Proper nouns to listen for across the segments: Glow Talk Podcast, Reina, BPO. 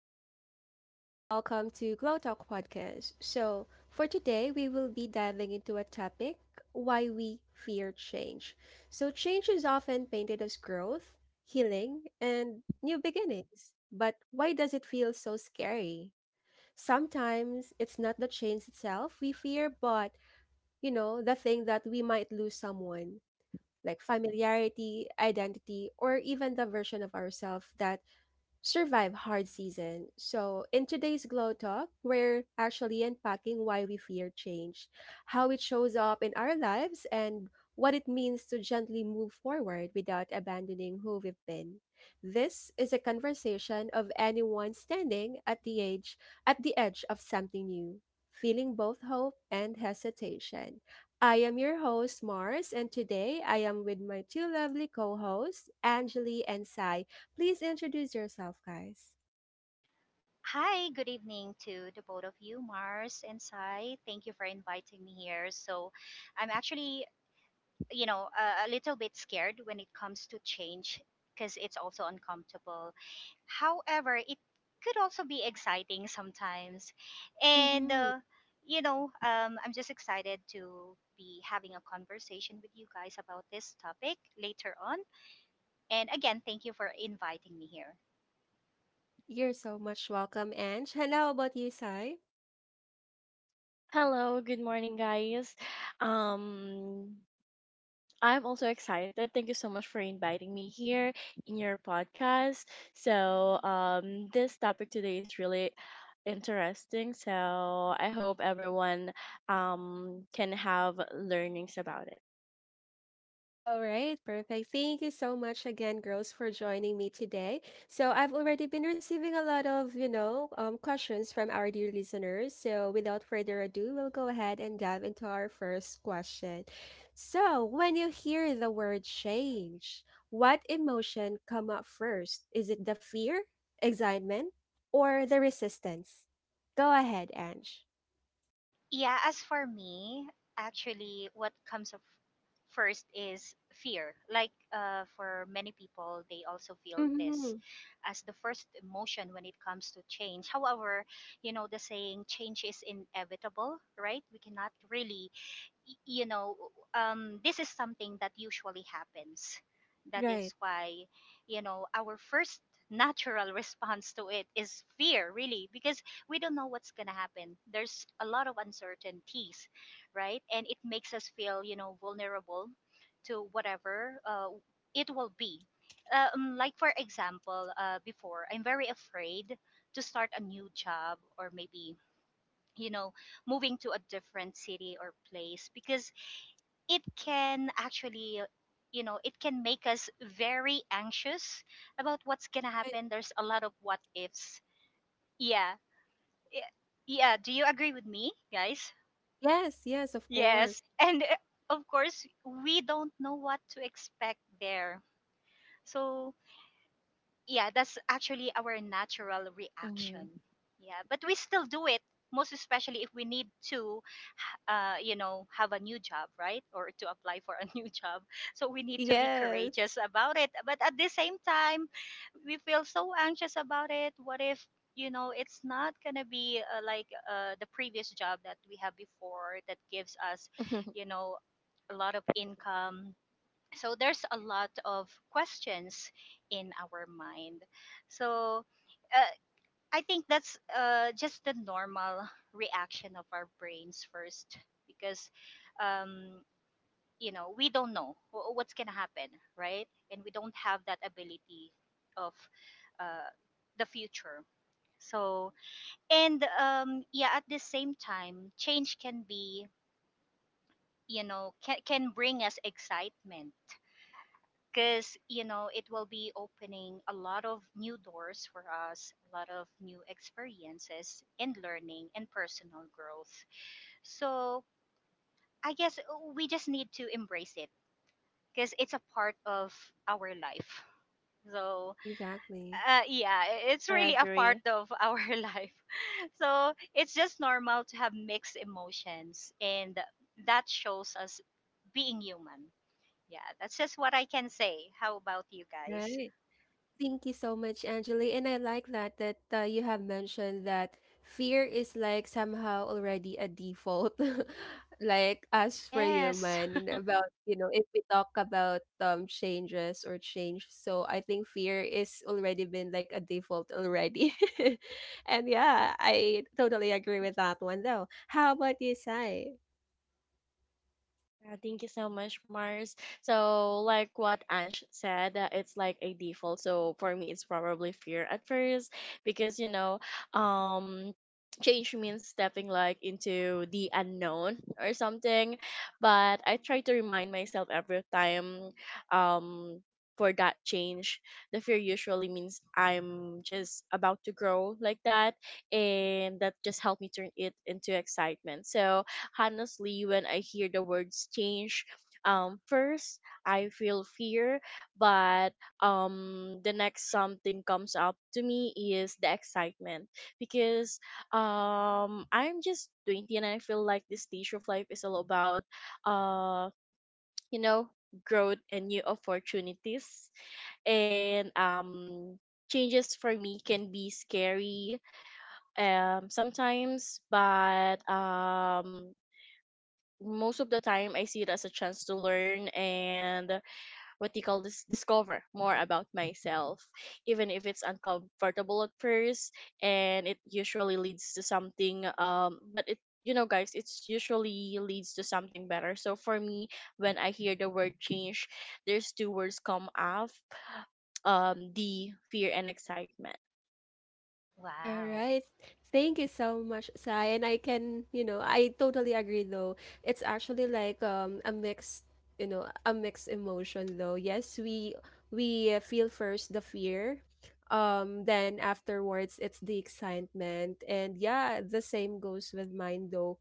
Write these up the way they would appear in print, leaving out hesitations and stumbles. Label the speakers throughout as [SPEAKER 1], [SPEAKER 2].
[SPEAKER 1] everyone, and welcome to Glow Talk Podcast. So, for today, we will be diving into a topic why we fear change. So, change is often painted as growth, healing, and new beginnings. But why does it feel so scary? Sometimes it's not the change itself we fear, but, the thing that we might lose someone, like familiarity, identity, or even the version of ourselves that survive hard season. So, in today's Glow Talk, we're actually unpacking why we fear change, how it shows up in our lives, and what it means to gently move forward without abandoning who we've been. This is a conversation of anyone standing at the edge of something new, feeling both hope and hesitation. I am your host Mars, and today I am with my two lovely co-hosts, Angeli and Sai. Please introduce yourself, guys.
[SPEAKER 2] Hi, good evening to the both of you, Mars and Sai. Thank you for inviting me here. I'm actually, you know, a little bit scared when it comes to change because it's also uncomfortable. However, it could also be exciting sometimes. And,
[SPEAKER 1] Mm-hmm.
[SPEAKER 2] uh, I'm just excited to be having a conversation with you guys about this topic later on. And again, thank you for inviting me here.
[SPEAKER 1] You're so much welcome, Ange. And how about you, Sai?
[SPEAKER 3] Hello, good morning, guys. Um, I'm also excited. Thank you so much for inviting me here in your podcast. So, this topic today is really interesting. So, I hope everyone can have learnings about it.
[SPEAKER 1] All right, perfect. Thank you so much again, girls, for joining me today. So I've already been receiving a lot of, questions from our dear listeners. So without further ado, we'll go ahead and dive into our first question. So when you hear the word change, what emotion come up first? Is it the fear, excitement, or the resistance? Go ahead, Ange.
[SPEAKER 2] Yeah, as for me, actually, what comes of first is fear. For many people, they also feel this
[SPEAKER 1] Mm-hmm.
[SPEAKER 2] as the first emotion when it comes to change. However, the saying change is inevitable, right? We cannot really y- you know this is something that usually happens. That is
[SPEAKER 1] Right,
[SPEAKER 2] why our first natural response to it is fear, really, because we don't know what's going to happen. There's a lot of uncertainties, right, and it makes us feel, you know, vulnerable to whatever it will be. Like for example, before, I'm very afraid to start a new job, or maybe, you know, moving to a different city or place, because it can actually, you know, it can make us very anxious about what's gonna
[SPEAKER 1] right.
[SPEAKER 2] happen. There's a lot of what ifs, yeah. Y- yeah, do you agree with me, guys?
[SPEAKER 1] Yes, yes, of
[SPEAKER 2] yes
[SPEAKER 1] course.
[SPEAKER 2] and uh, of course we don't know what to expect there, so yeah, that's actually our natural reaction.
[SPEAKER 3] Hmm.
[SPEAKER 2] Yeah, but we still do it, most especially if we need to, you know, have a new job, right? Or to apply for a new job. So we need to be
[SPEAKER 1] Yes.
[SPEAKER 2] courageous about it. But at the same time, we feel so anxious about it. What if, you know, it's not going to be like the previous job that we have before that gives us, you know, a lot of income. So there's a lot of questions in our mind. So uh, i think that's just the normal reaction of our brains first, because, um, you know, we don't know what's going to happen, right, and we don't have that ability of, uh, the future. So, and yeah, at the same time change can be, you know, can bring us excitement, because, you know, it will be opening a lot of new doors for us, a lot of new experiences and learning and personal growth. So I guess we just need to embrace it because it's a part of our life. So,
[SPEAKER 1] Exactly.
[SPEAKER 2] yeah, it's
[SPEAKER 3] I
[SPEAKER 2] really a part
[SPEAKER 3] agree.
[SPEAKER 2] of our life. So it's just normal to have mixed emotions, and that shows us being human. Yeah, that's just what I can say. How about you guys?
[SPEAKER 1] Right. Thank you so much, Angela. And I like that you have mentioned that fear is like somehow already a default, like us for
[SPEAKER 2] Yes.
[SPEAKER 1] human. And about if we talk about changes or change, so I think fear is already been like a default already. And yeah, I totally agree with that one though. How about you, Sai?
[SPEAKER 3] Yeah, thank you so much, Mars. So, like what Ansh said, it's like a default. So for me, it's probably fear at first because um, change means stepping like into the unknown or something. But I try to remind myself every time, um, for that change, the fear usually means I'm just about to grow like that, and that just helped me turn it into excitement. So honestly when I hear the words change. First I feel fear, but the next something comes up to me is the excitement because I'm just 20 and I feel like this stage of life is all about uh, you know, growth and new opportunities, and changes for me can be scary sometimes, but most of the time I see it as a chance to learn and what do you call this, discover more about myself, even if it's uncomfortable at first, and it usually leads to something, but it, you know guys, it's usually leads to something better. So for me, when I hear the word change, there's two words come up, the fear and excitement.
[SPEAKER 1] All
[SPEAKER 2] Wow.
[SPEAKER 1] right. Thank you so much, Sai. And I can, I totally agree though. It's actually like a mixed, a mixed emotion though. Yes, we feel first the fear. Then afterwards it's the excitement. And yeah, the same goes with mine though.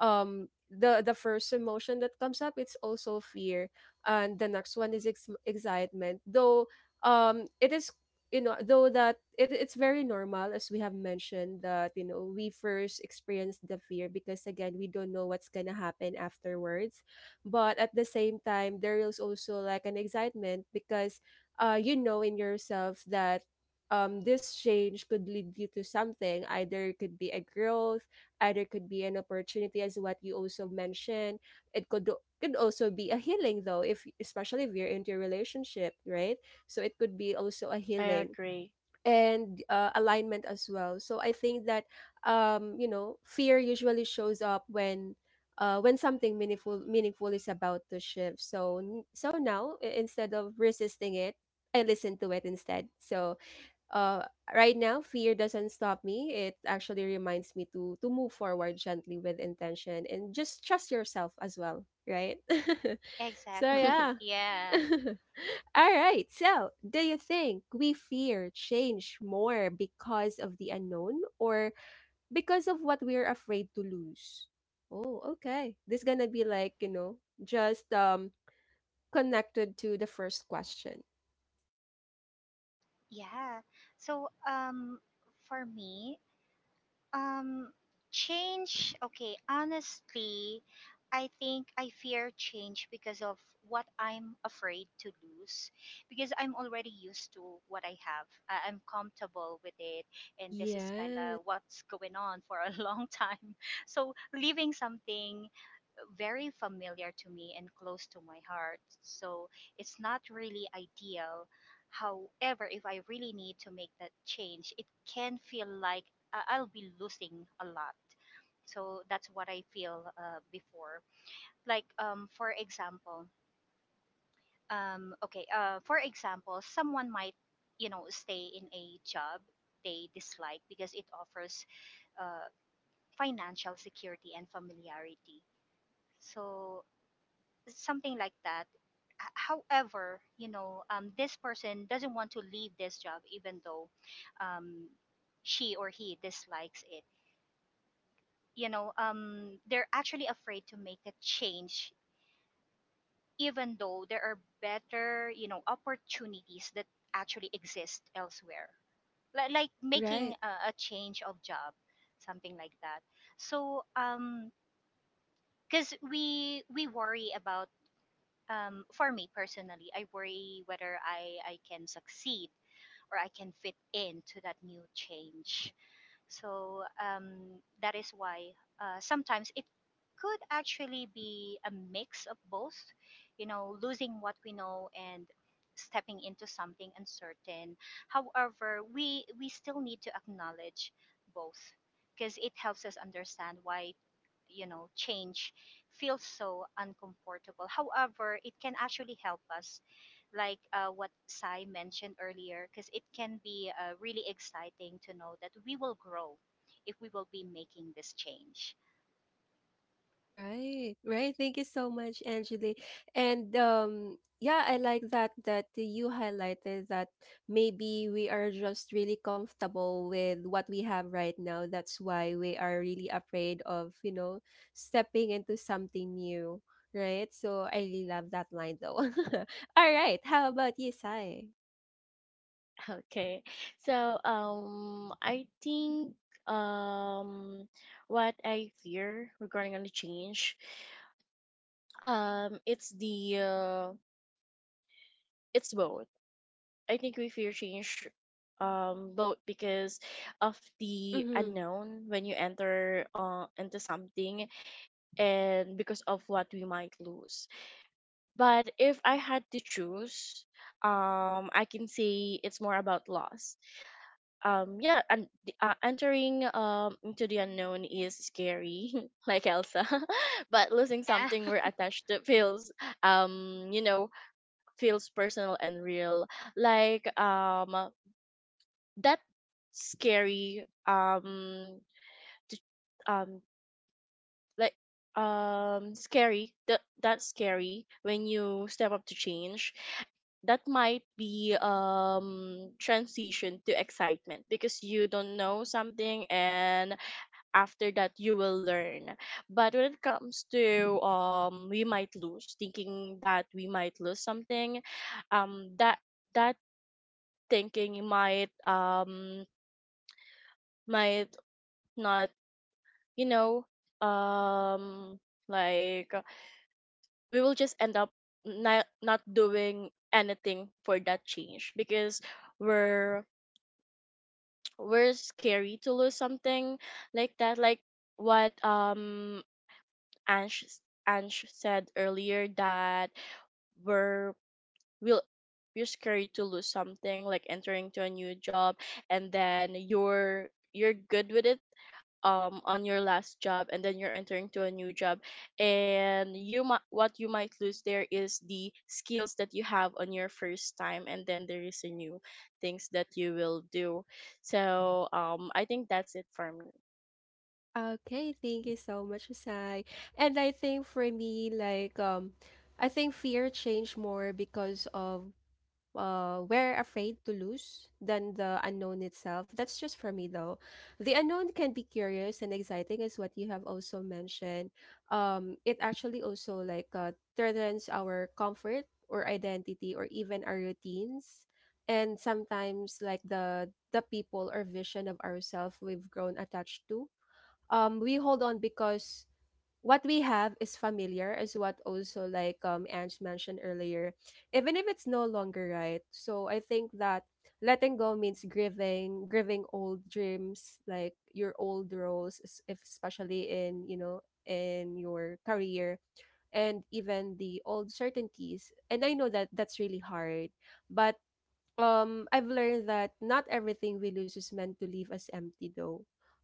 [SPEAKER 1] The first emotion that comes up, it's also fear, and the next one is excitement though. It is though that it's very normal. As we have mentioned, that we first experience the fear because, again, we don't know what's gonna happen afterwards. But at the same time, there is also like an excitement, because you know in yourself that this change could lead you to something. Either it could be a growth, either it could be an opportunity, as what you also mentioned. It Could also be a healing though, if especially if you're into a relationship, right? So it could be also a
[SPEAKER 3] I
[SPEAKER 1] healing
[SPEAKER 3] agree.
[SPEAKER 1] and alignment as well. So I think that fear usually shows up when something meaningful is about to shift. So now, instead of resisting it, I listen to it instead. So uh, right now, fear doesn't stop me. It actually reminds me to move forward gently with intention and just trust yourself as well, right? So
[SPEAKER 2] Exactly.
[SPEAKER 1] yeah.
[SPEAKER 2] Yeah.
[SPEAKER 1] All right. So, do you think we fear change more because of the unknown or because of what we're afraid to lose? Oh, okay. This gonna be like, just connected to the first question.
[SPEAKER 2] Yeah. So um for me, Um, Change. Okay, honestly, I think I fear change because of what I'm afraid to lose, because I'm already used to what I have. I'm comfortable with it, and this is kind
[SPEAKER 1] Yes.
[SPEAKER 2] of what's going on for a long time. So leaving something very familiar to me and close to my heart, so it's not really ideal. However, if I really need to make that change, it can feel like I'll be losing a lot. So that's what I feel before. Like for example, okay, for example, someone might, you know, stay in a job they dislike because it offers, uh, financial security and familiarity. So something like that. H- However, you know, this person doesn't want to leave this job, even though, um, she or he dislikes it. You know, um, they're actually afraid to make a change, even though there are better, you know, opportunities that actually exist elsewhere, like making
[SPEAKER 1] Right.
[SPEAKER 2] a change of job, something like that. So um, because we worry about, um, for me personally, I worry whether I can succeed or I can fit into that new change. That is why, sometimes it could actually be a mix of both, you know, losing what we know and stepping into something uncertain. However, we still need to acknowledge both, because it helps us understand why, you know, change feels so uncomfortable. However, it can actually help us, like, what Sai mentioned earlier, because it can be, really exciting to know that we will grow if we will be making this change.
[SPEAKER 1] Right, right. Thank you so much, Angeli. And yeah, I like that you highlighted that maybe we are just really comfortable with what we have right now. That's why we are really afraid of, stepping into something new, right? So I really love that line though. All right, how about you, Sai?
[SPEAKER 3] Okay. So, I think, um what I fear regarding on the change, um it's the uh, it's both. I think we fear change, both because of the
[SPEAKER 1] Mm-hmm.
[SPEAKER 3] unknown when you enter into something and because of what we might lose. But if I had to choose, I can say it's more about loss. Yeah, and entering into the unknown is scary, like Elsa, but losing
[SPEAKER 2] Yeah.
[SPEAKER 3] something we're attached to feels you know feels personal and real, like, that scary, to, um like, scary, that, that's scary when you step up to change, that might be transition to excitement because you don't know something and after that you will learn. But when it comes to, we might lose, thinking that we might lose something, that that thinking might not, you know um like we will just end up not doing anything for that change because we're we're scary to lose something like that, like what Ansh Ansh said earlier, that we're will you're scared to lose something, like entering to a new job, and then you're good with it, on your last job, and then you're entering to a new job, and you might, what you might lose there is the skills that you have on your first time, and then there is a new things that you will do. So, I think that's it for me.
[SPEAKER 1] Okay, thank you so much, Sai. And I think for me, like I think fear changed more because of we're afraid to lose than the unknown itself. That's just for me though. The unknown can be curious and exciting, as what you have also mentioned. It actually also like threatens our comfort or identity or even our routines, and sometimes like the people or vision of ourself we've grown attached to. We hold on because what we have is familiar, is what also like Ange mentioned earlier, even if it's no longer right. So I think that letting go means grieving, grieving old dreams, like your old roles, es- if especially in in your career and even the old certainties. And I know that that's really hard, but I've learned that not everything we lose is meant to leave us empty though.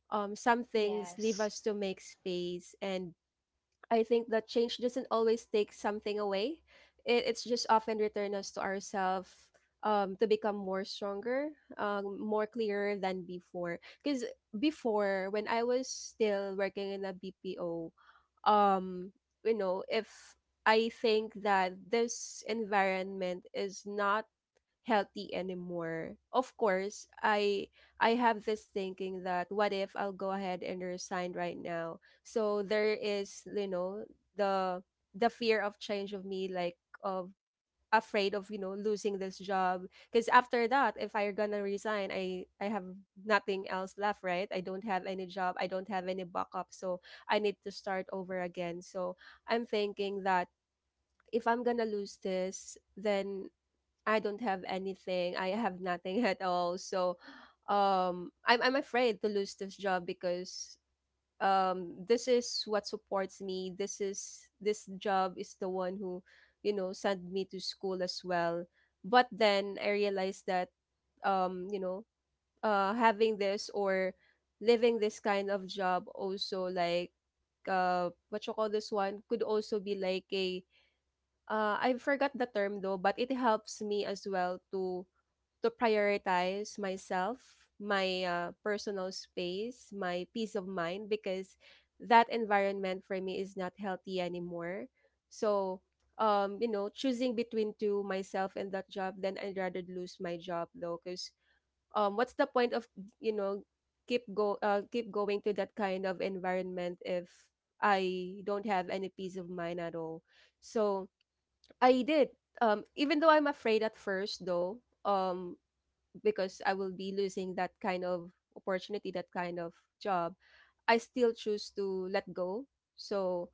[SPEAKER 1] Some things leave
[SPEAKER 2] Yes.
[SPEAKER 1] us to make space, and I think that change doesn't always take something away. It's just often return us to ourselves, to become more stronger, more clearer than before. Because before, when I was still working in a BPO, um, if I think that this environment is not healthy anymore. Of course, I have this thinking, that what if I'll go ahead and resign right now? So there is, the the fear of change of me, like of afraid of, losing this job. Because after that, if I'm gonna resign, I have nothing else left, right? I don't have any job, I don't have any backup, so I need to start over again. So I'm thinking that if I'm gonna lose this, then I don't have anything. I have nothing at all. So, I'm afraid to lose this job because this is what supports me. This is, this job is the one who, sent me to school as well. But then I realized that, um, you know, having this or living this kind of job also like what you call this, one could also be like a, I forgot the term though, but it helps me as well to prioritize myself, my personal space, my peace of mind, because that environment for me is not healthy anymore. So, choosing between two, myself and that job, then I'd rather lose my job though, because what's the point of you know keep going to that kind of environment if I don't have any peace of mind at all. So I did. Even though I'm afraid at first, though, um, because I will be losing that kind of opportunity, that kind of job, I still choose to let go. So,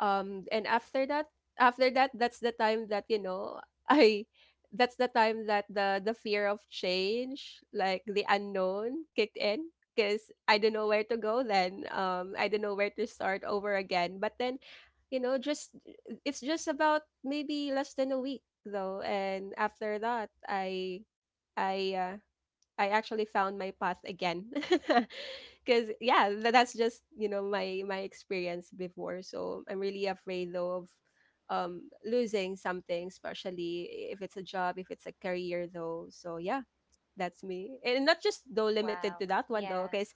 [SPEAKER 1] and after that, that's the time that, I, that's the time that the fear of change, like the unknown, kicked in, because I don't know where to go then. I don't know where to start over again. But then, just it's just about maybe less than a week though, and after that i uh, I actually found my path again. Because yeah, that's just my experience before. So I'm really afraid though of losing something, especially if it's a job, if it's a career though. So yeah, that's me, and not just though limited to
[SPEAKER 2] Wow.
[SPEAKER 1] that one though,
[SPEAKER 2] Yeah.
[SPEAKER 1] because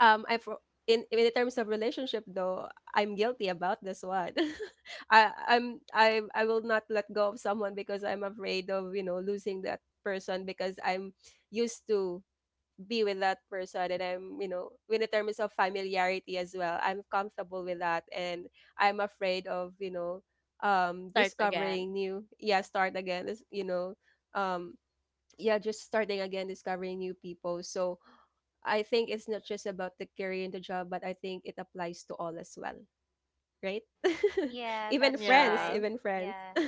[SPEAKER 1] I for in terms of relationship though, I'm guilty about this one. I I'm I will not let go of someone because I'm afraid of, losing that person, because I'm used to be with that person and I'm, in the terms of familiarity as well, I'm comfortable with that, and I'm afraid of,
[SPEAKER 3] Start
[SPEAKER 1] discovering
[SPEAKER 3] again.
[SPEAKER 1] new, yeah, start again, this um yeah, just starting again, discovering new people. So I think it's not just about the career and the job, but I think it applies to all as well, right?
[SPEAKER 2] Yeah,
[SPEAKER 1] Even
[SPEAKER 2] that's
[SPEAKER 1] friends,
[SPEAKER 3] Yeah,
[SPEAKER 2] right.
[SPEAKER 1] even friends.
[SPEAKER 2] Yeah.
[SPEAKER 1] All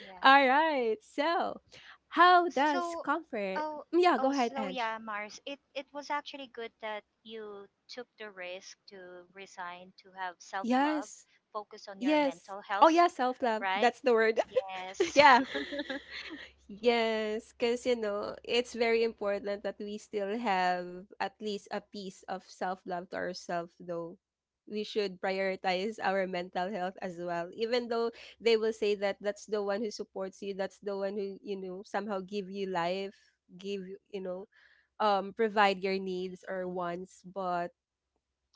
[SPEAKER 2] Yeah.
[SPEAKER 1] right. So, how does
[SPEAKER 2] So,
[SPEAKER 1] comfort?
[SPEAKER 2] oh,
[SPEAKER 1] Yeah,
[SPEAKER 2] oh,
[SPEAKER 1] go ahead,
[SPEAKER 2] so
[SPEAKER 1] Ange.
[SPEAKER 2] yeah, Mars, it was actually good that you took the risk to resign, to have self love,
[SPEAKER 1] Yes.
[SPEAKER 2] focus on your
[SPEAKER 1] Yes.
[SPEAKER 2] mental
[SPEAKER 1] Oh
[SPEAKER 2] health,
[SPEAKER 1] yeah, self-love.
[SPEAKER 2] right?
[SPEAKER 1] That's the word.
[SPEAKER 2] Yes.
[SPEAKER 1] Yeah. Yes, because you know, it's very important that we still have at least a piece of self-love to ourselves, though. We should prioritize our mental health as well. Even though they will say that that's the one who supports you, that's the one who, somehow give you life, give you, provide your needs or wants, but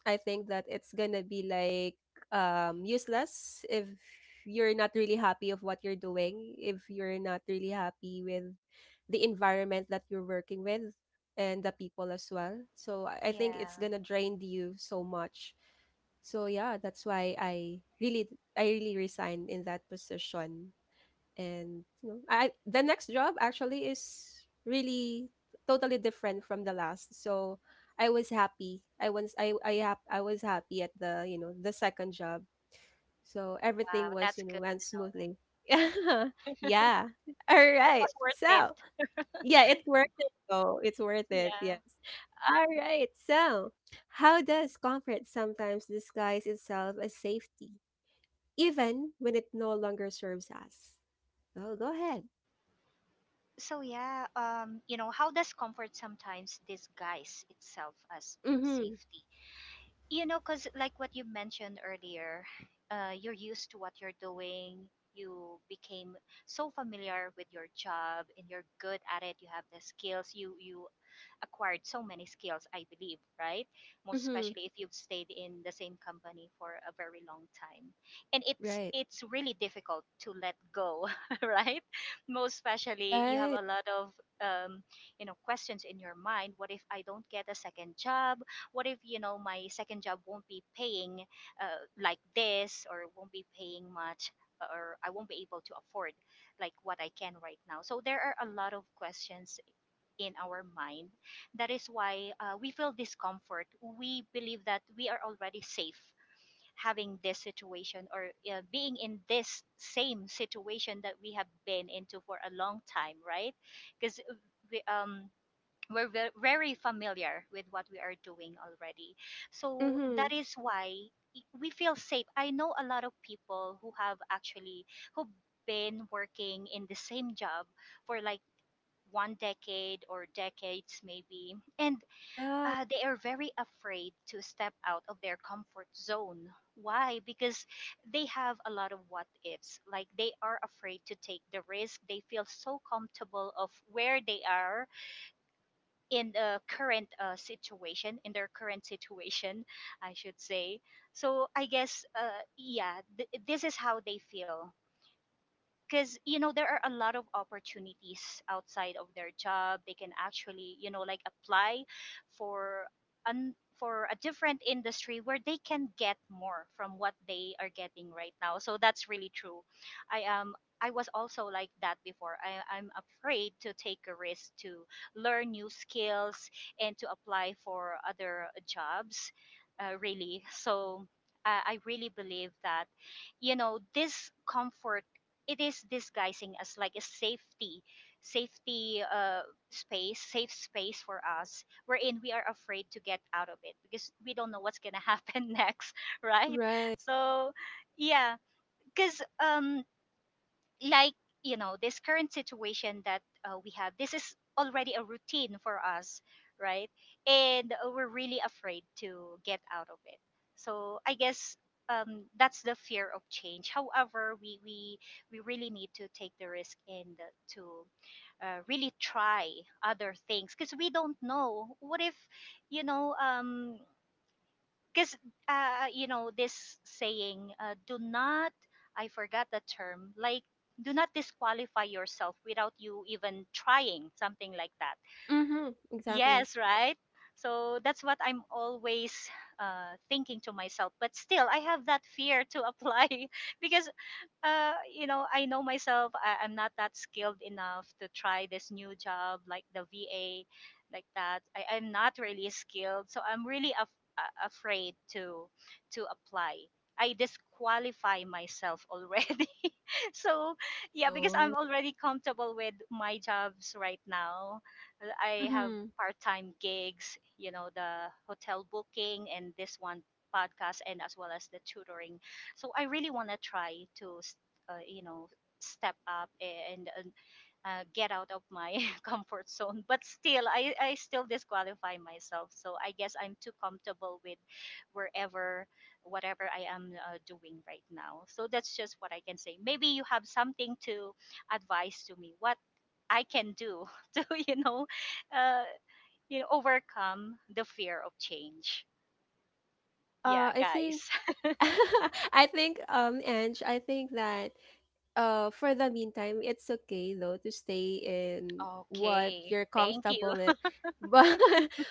[SPEAKER 1] I think that it's gonna be like useless if you're not really happy of what you're doing, if you're not really happy with the environment that you're working with and the people as well. So I think it's
[SPEAKER 2] Yeah.
[SPEAKER 1] gonna drain you so much. So yeah, that's why I really resigned in that position. And you know I the next job actually is really totally different from the last. So I was happy I was I, hap- I was happy at the you know the second job. So everything
[SPEAKER 2] Wow,
[SPEAKER 1] was
[SPEAKER 2] that's good
[SPEAKER 1] went
[SPEAKER 2] to know.
[SPEAKER 1] smoothly yeah. Yeah. All
[SPEAKER 2] It
[SPEAKER 1] right,
[SPEAKER 2] was worth it.
[SPEAKER 1] so yeah, it's worth it though, it's worth it,
[SPEAKER 2] Yeah.
[SPEAKER 1] yes. All right, so how does comfort sometimes disguise itself as safety, even when it no longer serves us? Oh, go ahead.
[SPEAKER 2] So yeah, you know, how does comfort sometimes disguise itself as
[SPEAKER 1] Mhm.
[SPEAKER 2] safety? You know, because like what you mentioned earlier, you're used to what you're doing. You became so familiar with your job, and you're good at it. You have the skills. You acquired so many skills, I believe, right? Most
[SPEAKER 1] Mhm.
[SPEAKER 2] especially if you've stayed in the same company for a very long time. And
[SPEAKER 1] Right.
[SPEAKER 2] it's really difficult to let go, right? Most especially you have
[SPEAKER 1] Right.
[SPEAKER 2] a lot of, um, you know, questions in your mind. What if I don't get a second job? What if, you know, my second job won't be paying, like this, or won't be paying much? Or I won't be able to afford like what I can right now. So there are a lot of questions in our mind. That is why, we feel discomfort. We believe that we are already safe having this situation, or, being in this same situation that we have been into for a long time, right? Because we, um, we're very familiar with what we are doing already. So that
[SPEAKER 1] Mhm.
[SPEAKER 2] is why we feel safe. I know a lot of people who have actually who been working in the same job for like one decade or decades maybe, and,
[SPEAKER 1] Yeah.
[SPEAKER 2] they are very afraid to step out of their comfort zone. Why? Because they have a lot of what ifs, like they are afraid to take the risk. They feel so comfortable of where they are in the current situation, I should say. So I guess, yeah, this is how they feel, because, you know, there are a lot of opportunities outside of their job. They can actually, you know, like apply for for a different industry where they can get more from what they are getting right now. So that's really true. I am i was also like that before. I'm afraid to take a risk to learn new skills and to apply for other jobs, really. So, I really believe that, you know, discomfort, it is disguising as like a safety uh, safe space for us, wherein we are afraid to get out of it because we don't know what's gonna happen next, right?
[SPEAKER 1] Right.
[SPEAKER 2] So yeah, because, um, like, you know, this current situation that, we have, this is already a routine for us, right, and, we're really afraid to get out of it. So I guess, that's the fear of change. However, we really need to take the risk, and, to, really try other things, because we don't know what if, you know, um, because, you know, this saying, do not, I forgot the term, like, do not disqualify yourself without you even trying, something like that.
[SPEAKER 1] Mhm. Exactly.
[SPEAKER 2] Yes, right? So that's what I'm always, thinking to myself, but still I have that fear to apply because, you know, I know myself. I'm not that skilled enough to try this new job, like the VA, like that. I'm not really skilled, so I'm really afraid to apply. I disqualify myself already. So, yeah, because I'm
[SPEAKER 1] Oh.
[SPEAKER 2] already comfortable with my jobs right now. I have
[SPEAKER 1] Mhm.
[SPEAKER 2] part-time gigs, you know, the hotel booking and this one podcast, and as well as the tutoring. So I really want to try to, you know, step up and, get out of my comfort zone. But still, I still disqualify myself. So I guess I'm too comfortable with wherever, whatever I am, doing right now. So that's just what I can say. Maybe you have something to advise to me, what I can do to, uh, you know, overcome the fear of change. Yeah,
[SPEAKER 1] I think,
[SPEAKER 2] guys.
[SPEAKER 1] Ange, I think that for the meantime, it's okay though to stay in what
[SPEAKER 2] Okay.
[SPEAKER 1] you're
[SPEAKER 2] Thank
[SPEAKER 1] comfortable
[SPEAKER 2] you.
[SPEAKER 1] in. But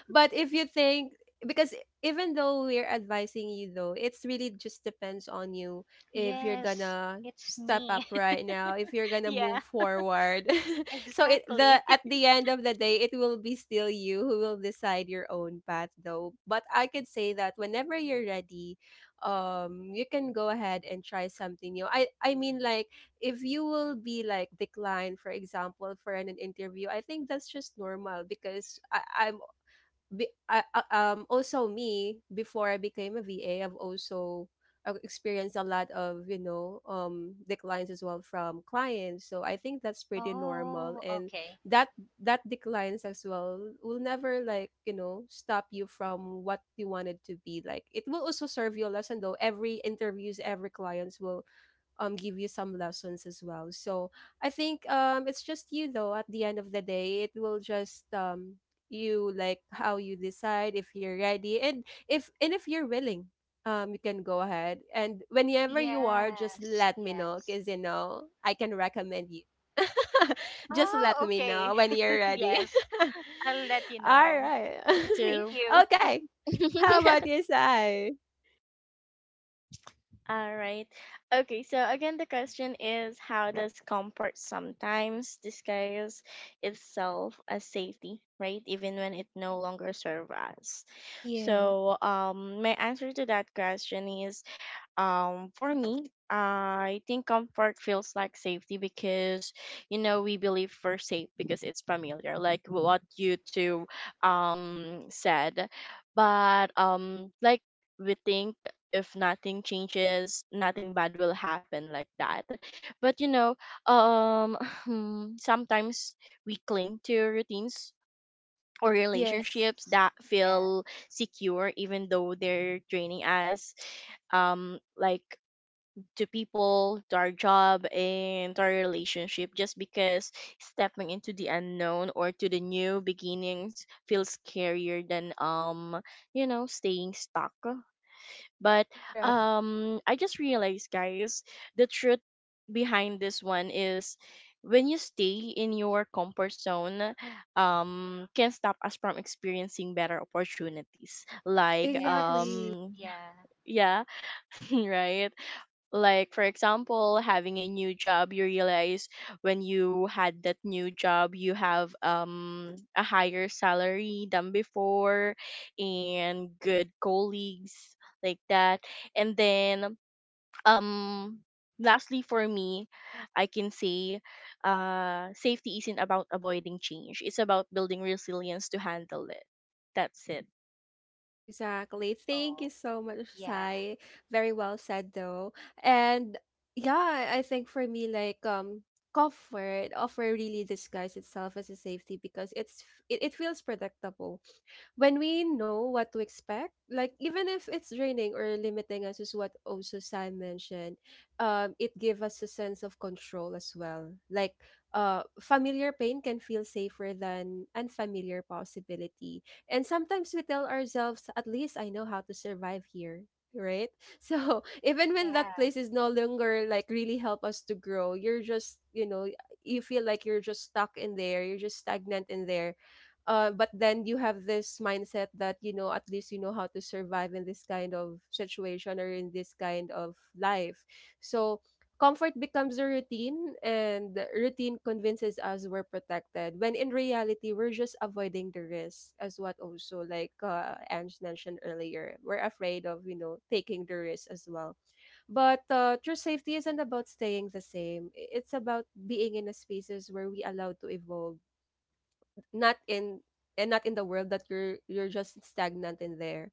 [SPEAKER 1] if you think, because even though we're advising you though, it's really just depends on you, if you're
[SPEAKER 2] Yes,
[SPEAKER 1] gonna
[SPEAKER 2] it's
[SPEAKER 1] step
[SPEAKER 2] me.
[SPEAKER 1] up right now, if you're gonna
[SPEAKER 2] Yeah,
[SPEAKER 1] move forward. So it
[SPEAKER 2] exactly.
[SPEAKER 1] the at the end of the day, it will be still you who will decide your own path though. But I could say that whenever you're ready, you can go ahead and try something new. I mean, like, if you will be like declined for example for an interview, I think that's just normal, because I, I'm be- I- also me before I became a VA, I've also experienced a lot of declines as well from clients. So I think that's pretty normal,
[SPEAKER 2] Oh,
[SPEAKER 1] and
[SPEAKER 2] okay.
[SPEAKER 1] that that declines as well will never like you know stop you from what you wanted to be, like it will also serve you a lesson though. Every interviews, every clients will give you some lessons as well. So I think, it's just you though. At the end of the day, it will just you, like how you decide, if you're ready, and if you're willing, you can go ahead, and whenever you are, just
[SPEAKER 2] Yes,
[SPEAKER 1] let me know,
[SPEAKER 2] yes.
[SPEAKER 1] because you know I can recommend you. Just let
[SPEAKER 2] Oh,
[SPEAKER 1] me
[SPEAKER 2] okay.
[SPEAKER 1] know when you're ready.
[SPEAKER 2] Yes, I'll let you
[SPEAKER 1] All
[SPEAKER 2] know.
[SPEAKER 1] right.
[SPEAKER 2] Yeah,
[SPEAKER 3] me
[SPEAKER 2] thank
[SPEAKER 3] too.
[SPEAKER 2] you.
[SPEAKER 1] Okay. How about you, Say?
[SPEAKER 3] All right. Okay, so again, the question is how does comfort sometimes disguise itself as safety, right? Even when it no longer serves us.
[SPEAKER 1] Yeah.
[SPEAKER 3] So, my answer to that question is, for me, I think comfort feels like safety because, we believe we're safe because it's familiar, like what you two said. But, we think if nothing changes, nothing bad will happen like that. But um, sometimes we cling to routines or
[SPEAKER 1] Yes.
[SPEAKER 3] relationships
[SPEAKER 2] Yes,
[SPEAKER 3] that
[SPEAKER 2] yeah,
[SPEAKER 3] feel secure, even though they're draining us, um like to people, to our job, and to our relationship, just because stepping into the unknown or to the new beginnings feels scarier than staying stuck. But
[SPEAKER 1] Right.
[SPEAKER 3] I just realized, guys, the truth behind this one is, when you stay in your comfort zone, can stop us from experiencing better opportunities, like.
[SPEAKER 2] yes,
[SPEAKER 1] Exactly.
[SPEAKER 2] yeah.
[SPEAKER 3] Yeah. Right. Like for example, having a new job, you realize, when you had that new job, you have a higher salary than before and good colleagues, like that. And then, um lastly for me, I can say, safety isn't about avoiding change, it's about building resilience to handle it. That's it.
[SPEAKER 1] Exactly. Thank you
[SPEAKER 2] Oh,
[SPEAKER 1] so much,
[SPEAKER 2] yeah,
[SPEAKER 1] Sai. Very well said though. And yeah, I think for me, like, comfort offer really disguises itself as a safety because it, it feels predictable, when we know what to expect. Like even if it's draining or limiting us, is what also Sam mentioned, it gives us a sense of control as well. Like, familiar pain can feel safer than unfamiliar possibility. And sometimes we tell ourselves, at least I know how to survive here. Right. So even when that
[SPEAKER 2] yeah,
[SPEAKER 1] place is no longer like really help us to grow, you're just, you know, you feel like you're just stuck in there, you're just stagnant in there, but then you have this mindset that, you know, at least you know how to survive in this kind of situation or in this kind of life. So comfort becomes a routine, and the routine convinces us we're protected when in reality we're just avoiding the risk, as what also like, Ange mentioned earlier, we're afraid of, you know, taking the risk as well. But true safety isn't about staying the same. It's about being in a spaces where we allowed to evolve, not in not in the world that you're just stagnant in there.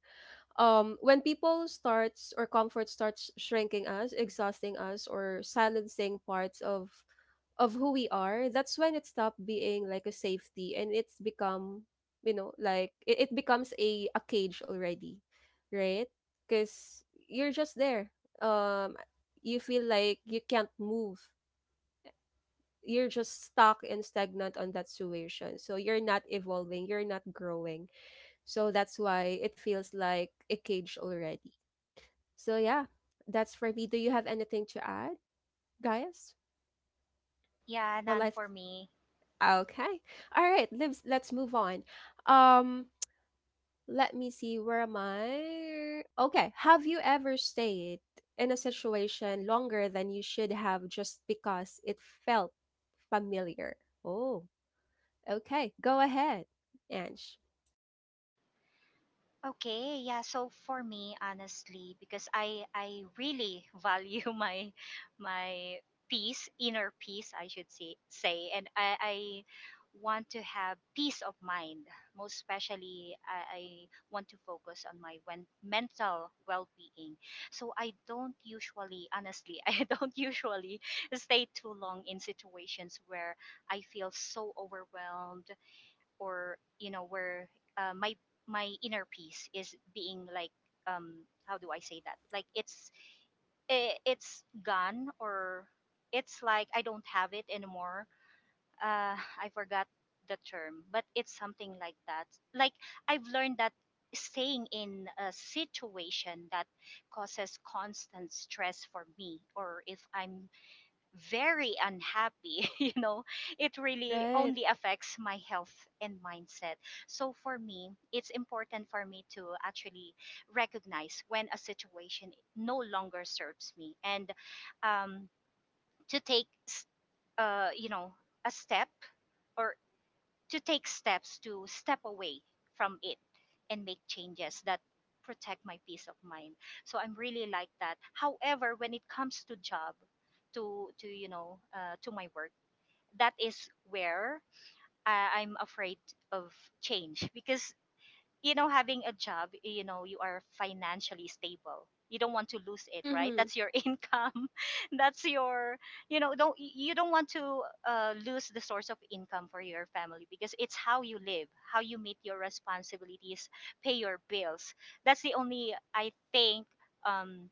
[SPEAKER 1] When people starts or comfort starts shrinking us, exhausting us, or silencing parts of who we are, that's when it stopped being like a safety, and it's become, you know, like it becomes a cage already. Right. Because you're just there, um you feel like you can't move, you're just stuck and stagnant on that situation. So you're not evolving, you're not growing. So that's why it feels like a cage already. So yeah, that's for me. Do you have anything to add, guys?
[SPEAKER 2] yeah.
[SPEAKER 1] Well,
[SPEAKER 2] None
[SPEAKER 1] let's,
[SPEAKER 2] for me.
[SPEAKER 1] okay. All right, let's move on. Um, let me see. Where am I? Okay. Have you ever stayed in a situation longer than you should have just because it felt familiar? Oh. Okay, go ahead, Ange.
[SPEAKER 2] Okay, yeah. So for me, honestly, because I really value my peace, inner peace, I should say, and I want to have peace of mind. Most especially, I want to focus on my mental well-being. So I don't usually, honestly, I don't usually stay too long in situations where I feel so overwhelmed or you know where my my inner peace is being like how do I say that, like it's it's gone, or it's like I don't have it anymore. uh I forgot the term, but it's something like that. Like I've learned that staying in a situation that causes constant stress for me, or if I'm very unhappy, it really
[SPEAKER 1] Right.
[SPEAKER 2] only affects my health and mindset. So for me it's important for me to actually recognize when a situation no longer serves me, and um, to uh, you know a step, or to take steps to step away from it and make changes that protect my peace of mind. So I'm really like that. However, when it comes to job, to you know to my work, that is where I'm afraid of change because, you know, having a job, you know, you are financially stable, you don't want to lose it, right?
[SPEAKER 1] Mm-hmm.
[SPEAKER 2] That's your income, that's your, you know, don't you don't want to lose the source of income for your family, because it's how you live, how you meet your responsibilities, pay your bills. That's the only, I think, um,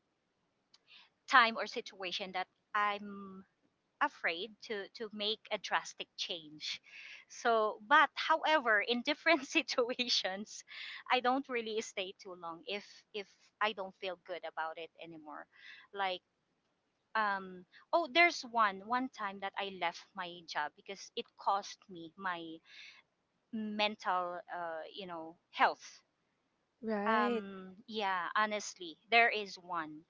[SPEAKER 2] time or situation that I'm afraid to make a drastic change. So, but however, in different situations I don't really stay too long if if I don't feel good about it anymore. Like um oh, there's one time that I left my job because it cost me my mental you know health.
[SPEAKER 1] Right.
[SPEAKER 2] Yeah, honestly, there is one.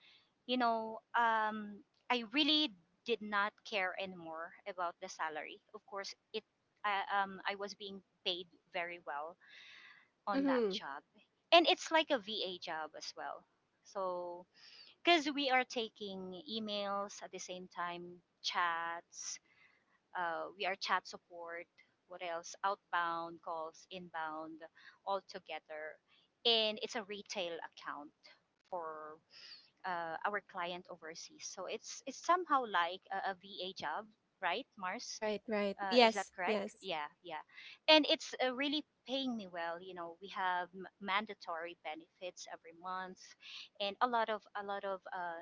[SPEAKER 2] You know, I really did not care anymore about the salary. Of course, it I was being paid very well on that
[SPEAKER 1] Mm-hmm.
[SPEAKER 2] job, and it's like a VA job as well. So, because we are taking emails at the same time, chats, we are chat support, what else, outbound calls, inbound, all together, and it's a retail account for our client overseas, so it's somehow like a VA job, right, Mars?
[SPEAKER 1] Right, right.
[SPEAKER 2] Is that
[SPEAKER 1] Yes,
[SPEAKER 2] correct?
[SPEAKER 1] yes.
[SPEAKER 2] Yeah, yeah. And it's really paying me well. You know, we have mandatory benefits every month, and a lot of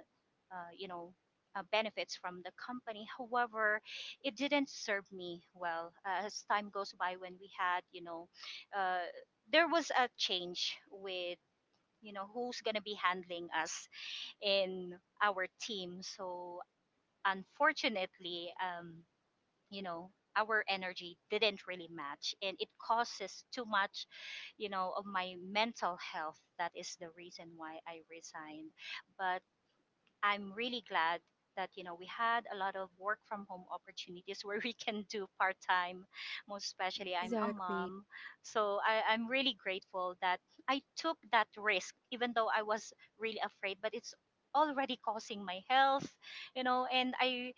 [SPEAKER 2] uh, you know benefits from the company. However, it didn't serve me well. As time goes by, when we had, you know, uh, there was a change with, you know, who's gonna be handling us in our team. So, unfortunately, you know, our energy didn't really match, and it causes too much, you know, of my mental health. That is the reason why I resigned. But I'm really glad that, you know, we had a lot of work from home opportunities where we can do part time. Most especially, I'm a
[SPEAKER 1] Exactly.
[SPEAKER 2] mom, so I'm really grateful that I took that risk, even though I was really afraid. But it's already causing my health, you know, and I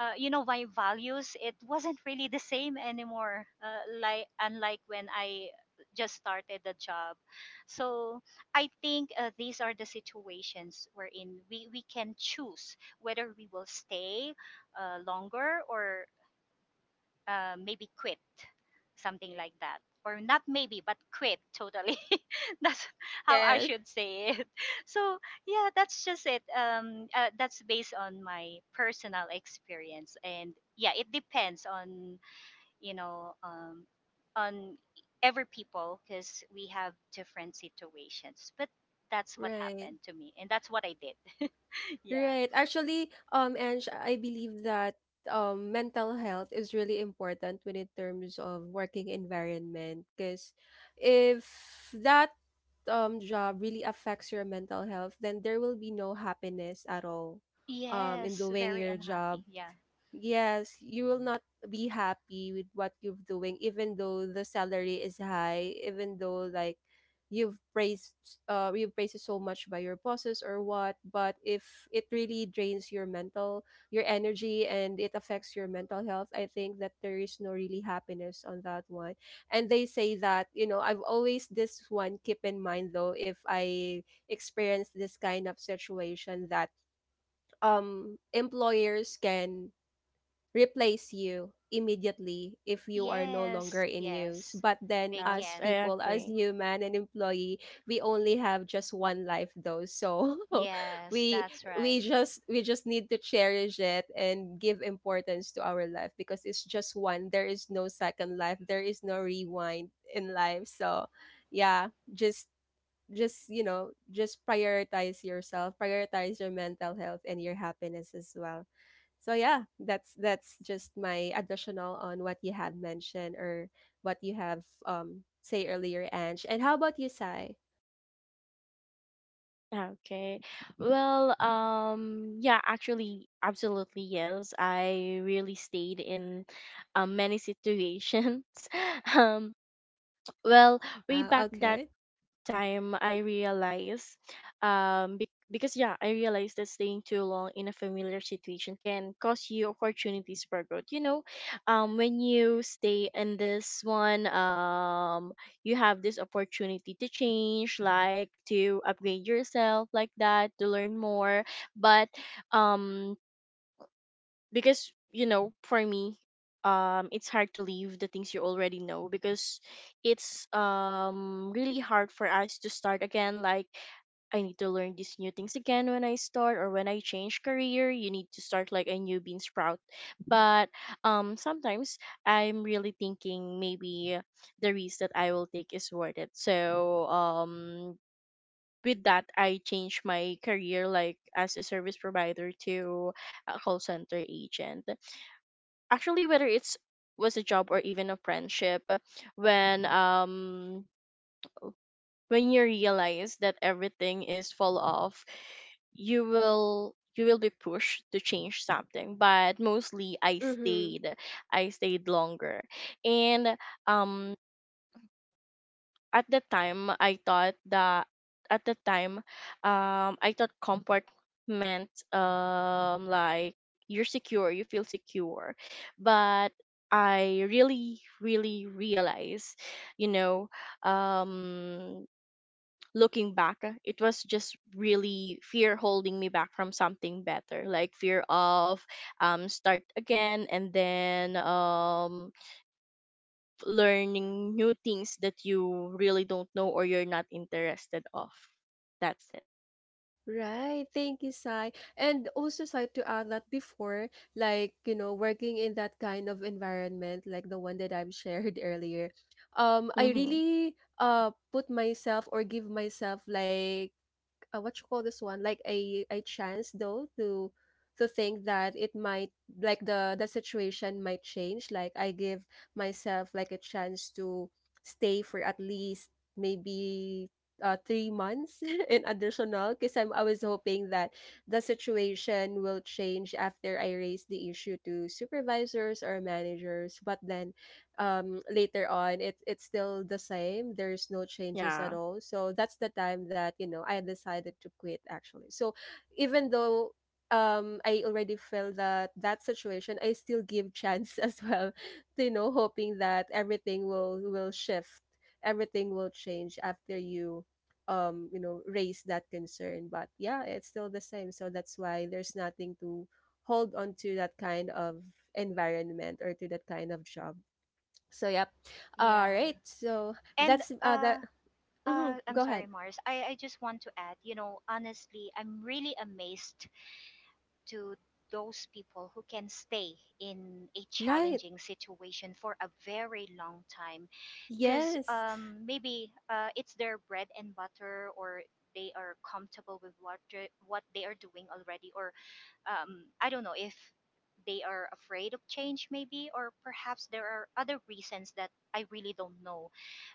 [SPEAKER 2] you know, my values, it wasn't really the same anymore, like, unlike when I just started the job. So I think, these are the situations wherein we can choose whether we will stay longer, or maybe quit, something like that, or not maybe, but quit totally. That's how I
[SPEAKER 1] Yes.
[SPEAKER 2] should say it. So yeah, that's just it. That's based on my personal experience, and yeah, it depends on, you know, on every people because we have different situations. But that's what
[SPEAKER 1] Right.
[SPEAKER 2] happened to me and that's what I did. Yeah.
[SPEAKER 1] Right. Actually, Ange, I believe that mental health is really important when in terms of working environment, because if that job really affects your mental health, then there will be no happiness at all in
[SPEAKER 2] Yes,
[SPEAKER 1] doing
[SPEAKER 2] very
[SPEAKER 1] your job.
[SPEAKER 2] unhappy, yeah.
[SPEAKER 1] Yes, you will not be happy with what you're doing, even though the salary is high, even though like you've praised you've praised it so much by your bosses or what. But if it really drains your energy and it affects your mental health, I think that there is no really happiness on that one. And they say that, you know, I've always this one keep in mind though, if I experience this kind of situation, that employers can replace you immediately if you are no longer
[SPEAKER 2] Yes,
[SPEAKER 1] in use.
[SPEAKER 2] yes.
[SPEAKER 1] But then,
[SPEAKER 2] They
[SPEAKER 1] as
[SPEAKER 3] Yes, I
[SPEAKER 2] can.
[SPEAKER 1] people, as
[SPEAKER 3] agree.
[SPEAKER 1] human and employee, we only have just one life, though. So
[SPEAKER 2] Yes,
[SPEAKER 1] we
[SPEAKER 2] that's right.
[SPEAKER 1] we just need to cherish it and give importance to our life, because it's just one. There is no second life. There is no rewind in life. So yeah, just prioritize your mental health and your happiness as well. So yeah, that's just my additional on what you have mentioned or what you have say earlier, Ange. And how about you, Sai?
[SPEAKER 3] Okay. Well, yeah, actually, absolutely yes. I really stayed in many situations. Um, well, way
[SPEAKER 1] Wow,
[SPEAKER 3] back that
[SPEAKER 1] okay.
[SPEAKER 3] time I realized, because, yeah, I realized that staying too long in a familiar situation can cost you opportunities for growth. When you stay in this one, you have this opportunity to change, like to upgrade yourself, like that, to learn more. But, um, because, for me, it's hard to leave the things you already know, because it's really hard for us to start again, like I need to learn these new things again when I start or when I change career. You need to start like a new bean sprout. But, sometimes I'm really thinking maybe the risk that I will take is worth it. So, with that I changed my career, like as a service provider, to a call center agent. Actually, whether it's was a job or even a friendship, when, you realize that everything is fall off, you will be pushed to change something. But mostly i
[SPEAKER 1] Mhm.
[SPEAKER 3] stayed i stayed longer, and, um at the time I thought that at the time, I thought comfort meant, you're secure, you feel secure. But I really really realized, you know, um looking back, it was just really fear holding me back from something better, like fear of start again, and then learning new things that you really don't know or you're not interested of. That's it.
[SPEAKER 1] Right, thank you, Sai. And also, Sai, to add that before, like, you know, working in that kind of environment, like the one that I've shared earlier, I
[SPEAKER 3] Mm-hmm.
[SPEAKER 1] really put myself or give myself like, what you call this one, like a chance though to think that it might, like the situation might change. Like, I give myself like a chance to stay for at least maybe 3 months in additional, because I was hoping that the situation will change after I raise the issue to supervisors or managers. But then, later on, it's still the same. There's no changes at
[SPEAKER 3] Yeah.
[SPEAKER 1] all. So that's the time that, you know, I decided to quit actually. So even though I already felt that that situation, I still give chance as well, to, you know, hoping that everything will shift, everything will change after you, you know, raise that concern. But yeah, it's still the same, so that's why there's nothing to hold on to that kind of environment or to that kind of job. So yep. All
[SPEAKER 2] Yeah.
[SPEAKER 1] right. So
[SPEAKER 2] And
[SPEAKER 1] that's that. Mhm.
[SPEAKER 2] I'm
[SPEAKER 1] Go
[SPEAKER 2] sorry,
[SPEAKER 1] ahead.
[SPEAKER 2] Mars. I just want to add, you know, honestly, I'm really amazed to those people who can stay in a
[SPEAKER 1] Right.
[SPEAKER 2] challenging situation for a very long time, because
[SPEAKER 1] Yes.
[SPEAKER 2] maybe it's their bread and butter, or they are comfortable with what they are doing already, or I don't know if they are afraid of change, maybe, or perhaps there are other reasons that I really don't know.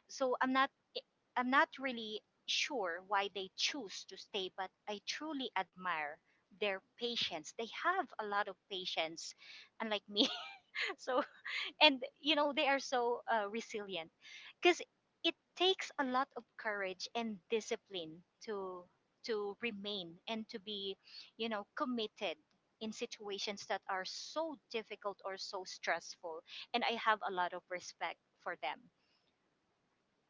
[SPEAKER 2] So I'm not, eh, I'm not really sure why they choose to stay, but I truly admire their patience. They have a lot of patience, unlike me. So, and you know, they are so resilient, because it takes a lot of courage and discipline to remain and to be, you know, committed in situations that are so difficult or so stressful, and I have a lot of respect for them.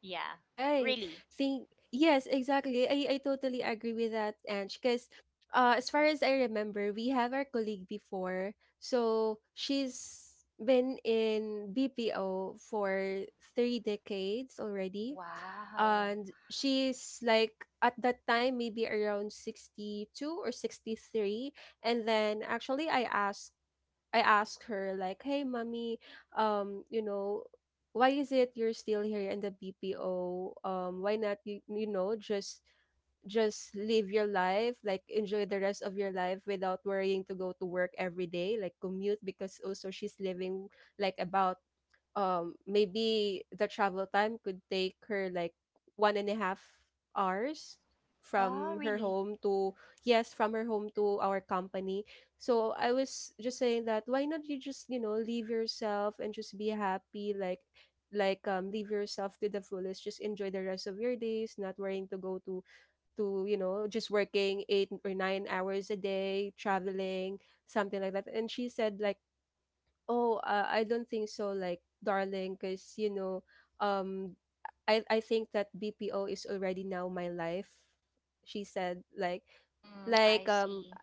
[SPEAKER 2] Yeah.
[SPEAKER 1] Right.
[SPEAKER 2] Really.
[SPEAKER 1] Think. Yes. Exactly. I totally agree with that, Ange. Because as far as I remember, we have our colleague before. So she's been in BPO for three decades already,
[SPEAKER 2] Wow.
[SPEAKER 1] and she's like at that time maybe around 62 or 63. And then actually I asked her like, "Hey, mommy, you know, why is it you're still here in the BPO? Why not you, you know, just live your life, like enjoy the rest of your life without worrying to go to work every day, like commute, because also she's living like about maybe the travel time could take her like 1.5 hours
[SPEAKER 2] Oh,
[SPEAKER 1] from her
[SPEAKER 2] really.
[SPEAKER 1] home to, yes, from her home to our company." So I was just saying that why not you just, you know, leave yourself and just be happy, like leave yourself to the fullest, just enjoy the rest of your days, not worrying to go to, you know, just working 8 or 9 hours a day, traveling something like that. And she said like, "Oh, I don't think so, like, darling, because, you know, um, I think that BPO is already now my life." She said, like,
[SPEAKER 2] Mm,
[SPEAKER 1] like,
[SPEAKER 2] I
[SPEAKER 1] um,
[SPEAKER 2] see.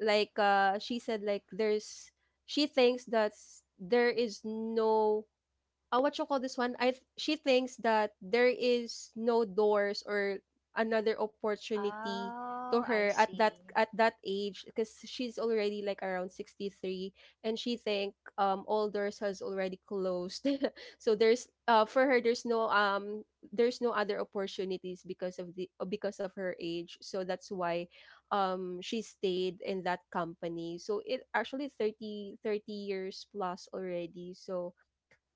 [SPEAKER 1] she said, like, "There's," she thinks that there is no what you call this one? She thinks that there is no doors or another opportunity to
[SPEAKER 2] Oh,
[SPEAKER 1] her
[SPEAKER 2] I see.
[SPEAKER 1] at that age, because she's already like around 63, and she think all doors has already closed. So there's for her, there's no other opportunities because of the because of her age. So that's why she stayed in that company, so it actually 30 years plus already. So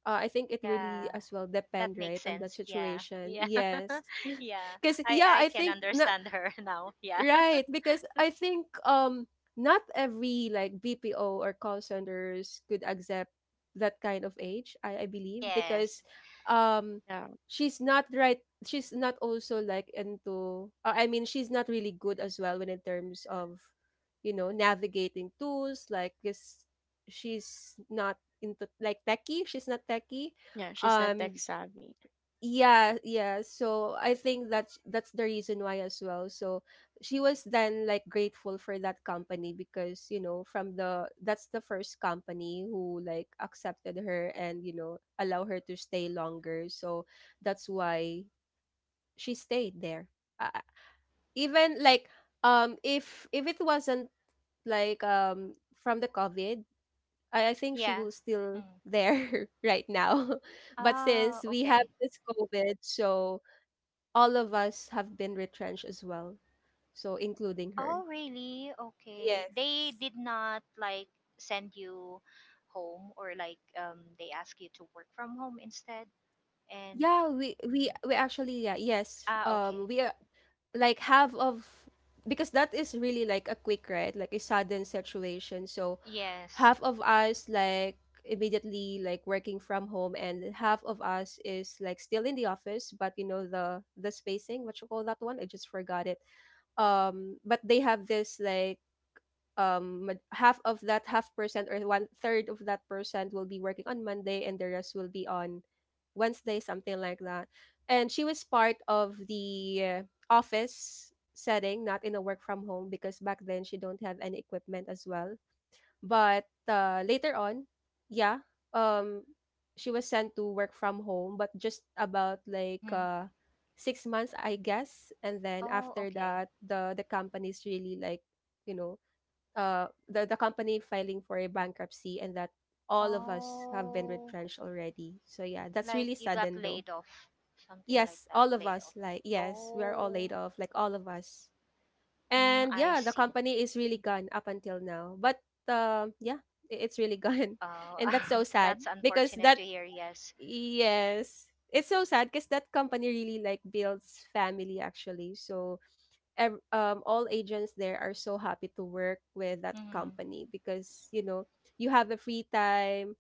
[SPEAKER 1] I think it really
[SPEAKER 2] Yeah.
[SPEAKER 1] as well
[SPEAKER 2] That
[SPEAKER 1] depend right
[SPEAKER 2] makes
[SPEAKER 1] on that
[SPEAKER 2] sense. Yeah.
[SPEAKER 1] situation.
[SPEAKER 2] Yeah.
[SPEAKER 1] Yes.
[SPEAKER 2] Yeah.
[SPEAKER 1] Because yeah,
[SPEAKER 2] I
[SPEAKER 1] I
[SPEAKER 2] can
[SPEAKER 1] think na.
[SPEAKER 2] understand her now. Yeah.
[SPEAKER 1] Right, because I think not every like BPO or call centers could accept that kind of age, I believe,
[SPEAKER 2] Yes.
[SPEAKER 1] because um
[SPEAKER 3] Yeah.
[SPEAKER 1] she's not right she's not also like into, I mean, she's not really good as well when in terms of, you know, navigating tools like this. She's not into like techie, she's not techie.
[SPEAKER 3] Yeah. She's not tech
[SPEAKER 1] Um
[SPEAKER 3] savvy.
[SPEAKER 1] yeah, yeah, so I think that's the reason why as well. So she was then like grateful for that company because you know from the that's the first company who like accepted her and you know allow her to stay longer, so that's why she stayed there, uh, even like if it wasn't like from the COVID, I think she
[SPEAKER 2] Yeah.
[SPEAKER 1] was still
[SPEAKER 2] Mm.
[SPEAKER 1] there right now. But
[SPEAKER 2] Oh,
[SPEAKER 1] since we have
[SPEAKER 2] okay.
[SPEAKER 1] this COVID, so all of us have been retrenched as well, so including her.
[SPEAKER 2] Oh, really? Okay. They
[SPEAKER 1] Yes.
[SPEAKER 2] did not like send you home, or like, they ask you to work from home instead, and
[SPEAKER 1] Yeah, we actually yeah, yes.
[SPEAKER 2] ah, okay.
[SPEAKER 1] We are like half of, because that is really like a quick, right, like a sudden situation. So
[SPEAKER 2] Yes.
[SPEAKER 1] half of us like immediately like working from home and half of us is like still in the office, but you know the spacing, what you call that one? I just forgot it. But they have this like half of that half percent or one third of that percent will be working on Monday and the rest will be on Wednesday, something like that. And she was part of the office setting, not in a work from home because back then she don't have any equipment as well. But later on, yeah, um, she was sent to work from home, but just about like
[SPEAKER 2] Mhm.
[SPEAKER 1] 6 months, I guess. And then
[SPEAKER 2] Oh,
[SPEAKER 1] after
[SPEAKER 2] okay.
[SPEAKER 1] that, the company's really like, you know, the company filing for a bankruptcy, and that all of us have been
[SPEAKER 2] Oh,
[SPEAKER 1] retrenched already. So yeah, that's
[SPEAKER 2] like
[SPEAKER 1] really
[SPEAKER 2] you got
[SPEAKER 1] sudden though.
[SPEAKER 2] laid off, something like
[SPEAKER 1] Yes,
[SPEAKER 2] that,
[SPEAKER 1] all of
[SPEAKER 2] laid
[SPEAKER 1] us,
[SPEAKER 2] off.
[SPEAKER 1] like yes, we are all laid
[SPEAKER 2] Oh,
[SPEAKER 1] off, like all of us.
[SPEAKER 2] mm,
[SPEAKER 1] And
[SPEAKER 2] I
[SPEAKER 1] yeah, the
[SPEAKER 2] see.
[SPEAKER 1] company is really gone up until now. But yeah, it's really gone.
[SPEAKER 2] Oh,
[SPEAKER 1] And that's so sad
[SPEAKER 2] that's
[SPEAKER 1] because
[SPEAKER 2] unfortunate to
[SPEAKER 1] that
[SPEAKER 2] hear. Yes.
[SPEAKER 1] yes, it's so sad because that company really like builds family actually. So all agents there are so happy to work with that
[SPEAKER 2] Mm-hmm.
[SPEAKER 1] company because you know you have a free time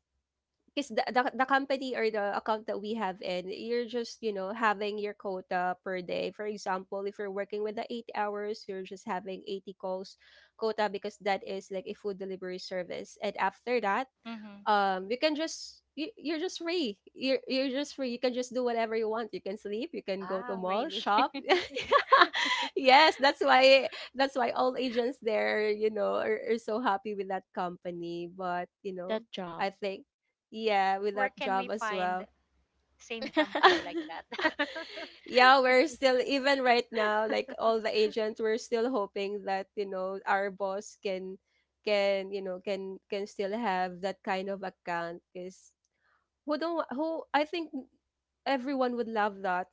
[SPEAKER 1] because the company or the account that we have in, you're just you know having your quota per day. For example, if you're working with the 8 hours, you're just having 80 calls quota because that is like a food delivery service. And after that,
[SPEAKER 2] Mm-hmm.
[SPEAKER 1] you can just you're just free, you're just free, you can just do whatever you want, you can sleep, you can go to
[SPEAKER 2] Wow,
[SPEAKER 1] mall
[SPEAKER 2] really?
[SPEAKER 1] shop. Yes, that's why, that's why all agents there, you know, are so happy with that company. But you know,
[SPEAKER 3] That
[SPEAKER 1] I
[SPEAKER 3] job.
[SPEAKER 1] think yeah, with
[SPEAKER 2] Where
[SPEAKER 1] that
[SPEAKER 2] can we
[SPEAKER 1] job as
[SPEAKER 2] find
[SPEAKER 1] well.
[SPEAKER 2] same company like that?
[SPEAKER 1] Yeah, we're still even right now, like all the agents, we're still hoping that you know our boss can you know can still have that kind of account because who don't wa- who I think everyone would love that.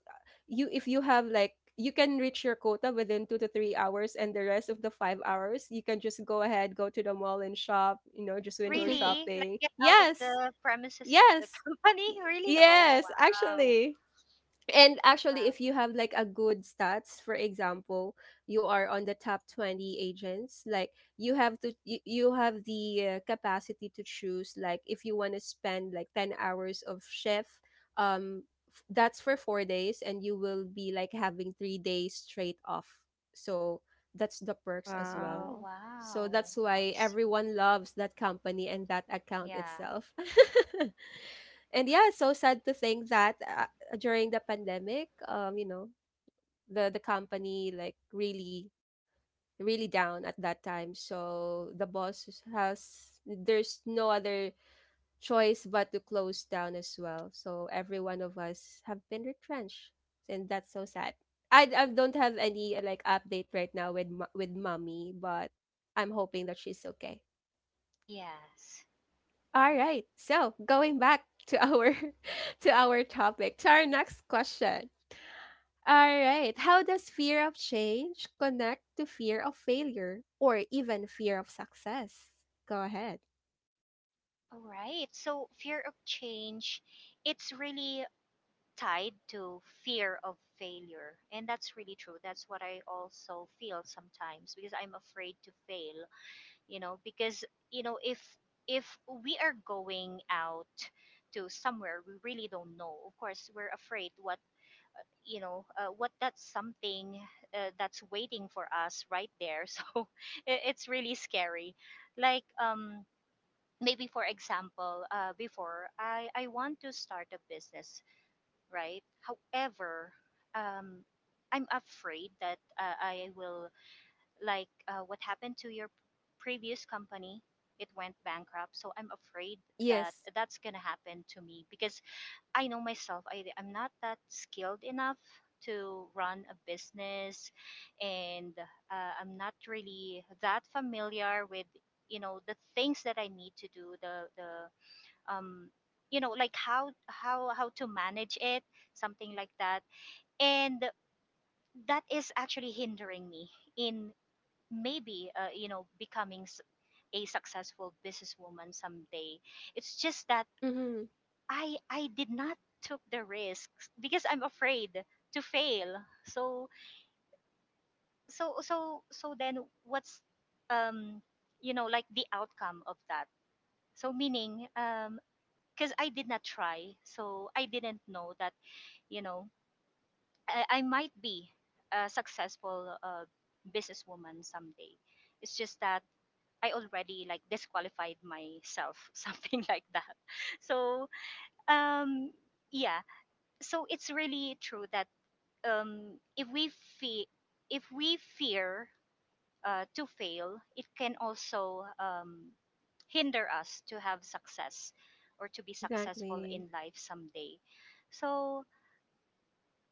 [SPEAKER 1] You, if you have like, you can reach your quota within 2 to 3 hours, and the rest of the 5 hours you can just go ahead, go to the mall and shop, you know, just window
[SPEAKER 2] Really? Like
[SPEAKER 1] shopping.
[SPEAKER 2] get out of
[SPEAKER 1] Yes,
[SPEAKER 2] the premises of the
[SPEAKER 1] yes.
[SPEAKER 2] company? Really? Oh,
[SPEAKER 1] Yes,
[SPEAKER 2] wow.
[SPEAKER 1] actually. And actually, if
[SPEAKER 2] Wow.
[SPEAKER 1] you have like a good stats, for example, you are on the top 20 agents, like you have to, you have the capacity to choose, like if you want to spend like 10 hours of shift, um, that's for 4 days, and you will be like having 3 days straight off. So that's the perks as well.
[SPEAKER 2] Oh,
[SPEAKER 3] Wow.
[SPEAKER 1] So
[SPEAKER 2] wow.
[SPEAKER 1] that's
[SPEAKER 2] I
[SPEAKER 1] why
[SPEAKER 2] see.
[SPEAKER 1] everyone loves that company and that account
[SPEAKER 2] Yeah.
[SPEAKER 1] itself. And yeah, so sad to think that during the pandemic, you know, the company like really really down at that time. So the boss has there's no other choice but to close down as well. So every one of us have been retrenched, and that's so sad. I don't have any like update right now with with mommy, but I'm hoping that she's okay.
[SPEAKER 2] Yes.
[SPEAKER 1] All
[SPEAKER 2] Yeah.
[SPEAKER 1] right, so going back to our to our topic, to our next question. All right, how does fear of change connect to fear of failure or even fear of success? Go ahead.
[SPEAKER 2] All right. So fear of change, it's really tied to fear of failure. And that's really true. That's what I also feel sometimes, because I'm afraid to fail, you know, because you know, if we are going out to somewhere we really don't know, of course we're afraid what, you know, what that's something that's waiting for us right there. So it, it's really scary. Like maybe, for example, before, I want to start a business, right? However, um, I'm afraid that I will, like, what happened to your previous company. It went bankrupt, so I'm afraid that
[SPEAKER 1] Yes.
[SPEAKER 2] that's gonna happen to me, because I know myself. I'm not that skilled enough to run a business, and I'm not really that familiar with, you know, the things that I need to do, the um you know, like how how to manage it, something like that. And that is actually hindering me in, maybe, you know, becoming a successful businesswoman someday. It's just that
[SPEAKER 1] Mm-hmm.
[SPEAKER 2] I did not took the risks because I'm afraid to fail. So then, what's um you know, like, the outcome of that. So, meaning, because I did not try, so I didn't know that, you know, I might be a successful businesswoman someday. It's just that I already like disqualified myself, something like that. So um, yeah, so it's really true that if we fe- if we fear to fail, it can also hinder us to have success or to be successful
[SPEAKER 1] Exactly.
[SPEAKER 2] in life someday. So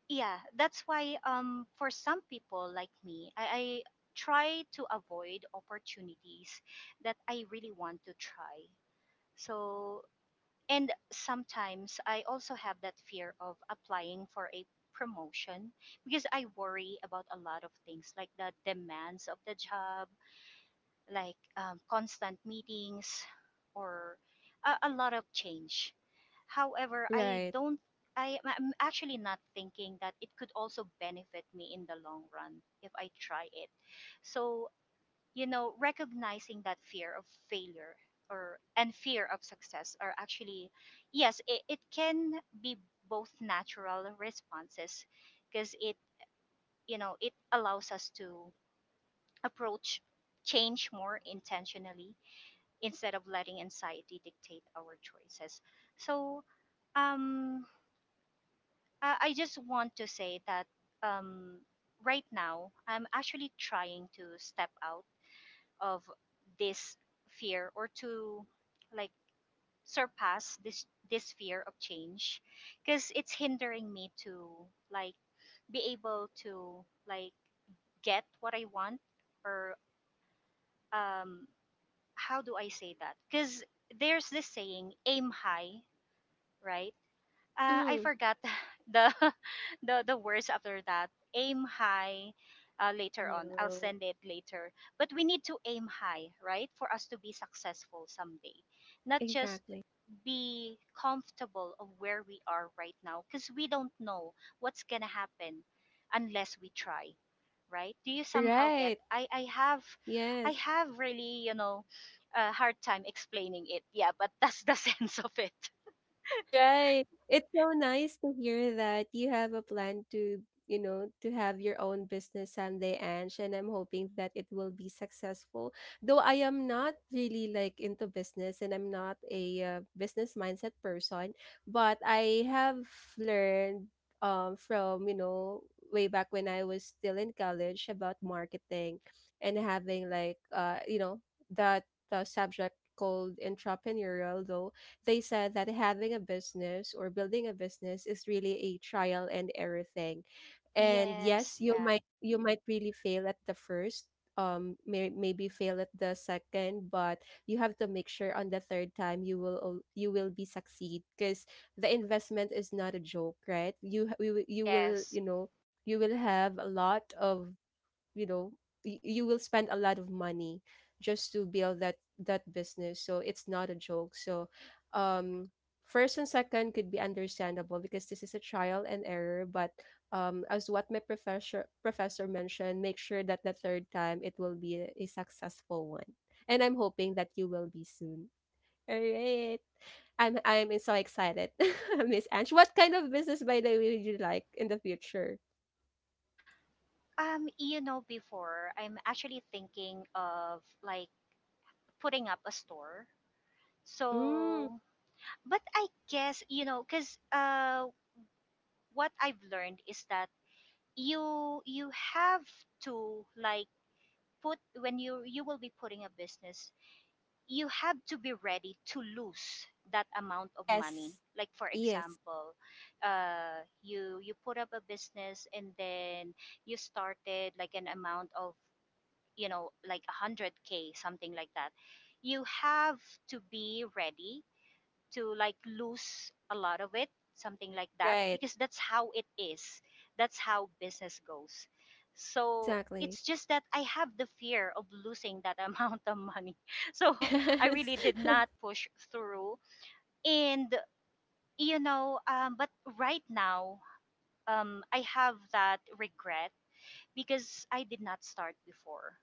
[SPEAKER 2] yeah, that's why, for some people like me, I try to avoid opportunities that I really want to try. So, and sometimes I also have that fear of applying for a promotion, because I worry about a lot of things, like the demands of the job, like constant meetings or a lot of change. However, I
[SPEAKER 1] Right.
[SPEAKER 2] don't. I'm actually not thinking that it could also benefit me in the long run if I try it. So, you know, recognizing that fear of failure or and fear of success are actually, yes, it can be both natural responses, because it, you know, it allows us to approach change more intentionally instead of letting anxiety dictate our choices. So um, I just want to say that um, right now I'm actually trying to step out of this fear, or to like surpass this this fear of change, because it's hindering me to like be able to like get what I want, or um how do I say that, because there's this saying, aim high, right? I
[SPEAKER 1] Mm-hmm.
[SPEAKER 2] forgot the the words after that. Aim high. Later on, I'll
[SPEAKER 3] New.
[SPEAKER 2] send it later. But we need to aim high, right, for us to be successful someday, not just
[SPEAKER 1] Exactly.
[SPEAKER 2] be comfortable of where we are right now, because we don't know what's gonna happen unless we try, right? Do you somehow get?
[SPEAKER 1] Right.
[SPEAKER 2] I
[SPEAKER 1] Yes.
[SPEAKER 2] have, really, you know, a hard time explaining it. Yeah, but that's the sense of it.
[SPEAKER 1] Right, it's so nice to hear that you have a plan to, you know, to have your own business someday, Ange, and I'm hoping that it will be successful. Though I am not really like into business and I'm not a business mindset person, but I have learned from, you know, way back when I was still in college about marketing and having like you know, that subject called entrepreneurial though, they said that having a business or building a business is really a trial and error thing. And yes,
[SPEAKER 2] Yes,
[SPEAKER 1] you
[SPEAKER 2] yeah.
[SPEAKER 1] might, you might really fail at the first, may, maybe fail at the second, but you have to make sure on the third time you will you will be succeed because the investment is not a joke, right? You you will, you will you
[SPEAKER 2] Yes.
[SPEAKER 1] know you will have a lot of, you know, you will spend a lot of money just to build that business. So it's not a joke, so um first and second could be understandable because this is a trial and error, but as what my professor mentioned, make sure that the third time it will be a successful one, and I'm hoping that you will be soon. All right, I'm so excited. Miss Ange, what kind of business by the way would you like in the future?
[SPEAKER 2] You know, before, I'm actually thinking of like putting up a store.
[SPEAKER 1] Mm,
[SPEAKER 2] So, but I guess, you know, cuz what I've learned is that you have to like put when you will be putting a business, you have to be ready to lose that amount of money.
[SPEAKER 1] yes,
[SPEAKER 2] Like for
[SPEAKER 1] yes.
[SPEAKER 2] example, you put up a business, and then you started like an amount of, you know, like 100K, something like that. You have to be ready to like lose a lot of it, something like that,
[SPEAKER 1] Right.
[SPEAKER 2] because that's how it is. That's how business goes. So
[SPEAKER 1] Exactly.
[SPEAKER 2] it's just that I have the fear of losing that amount of money. So I
[SPEAKER 1] Yes.
[SPEAKER 2] really did not push through, and, you know, but right now, I have that regret because I did not start before.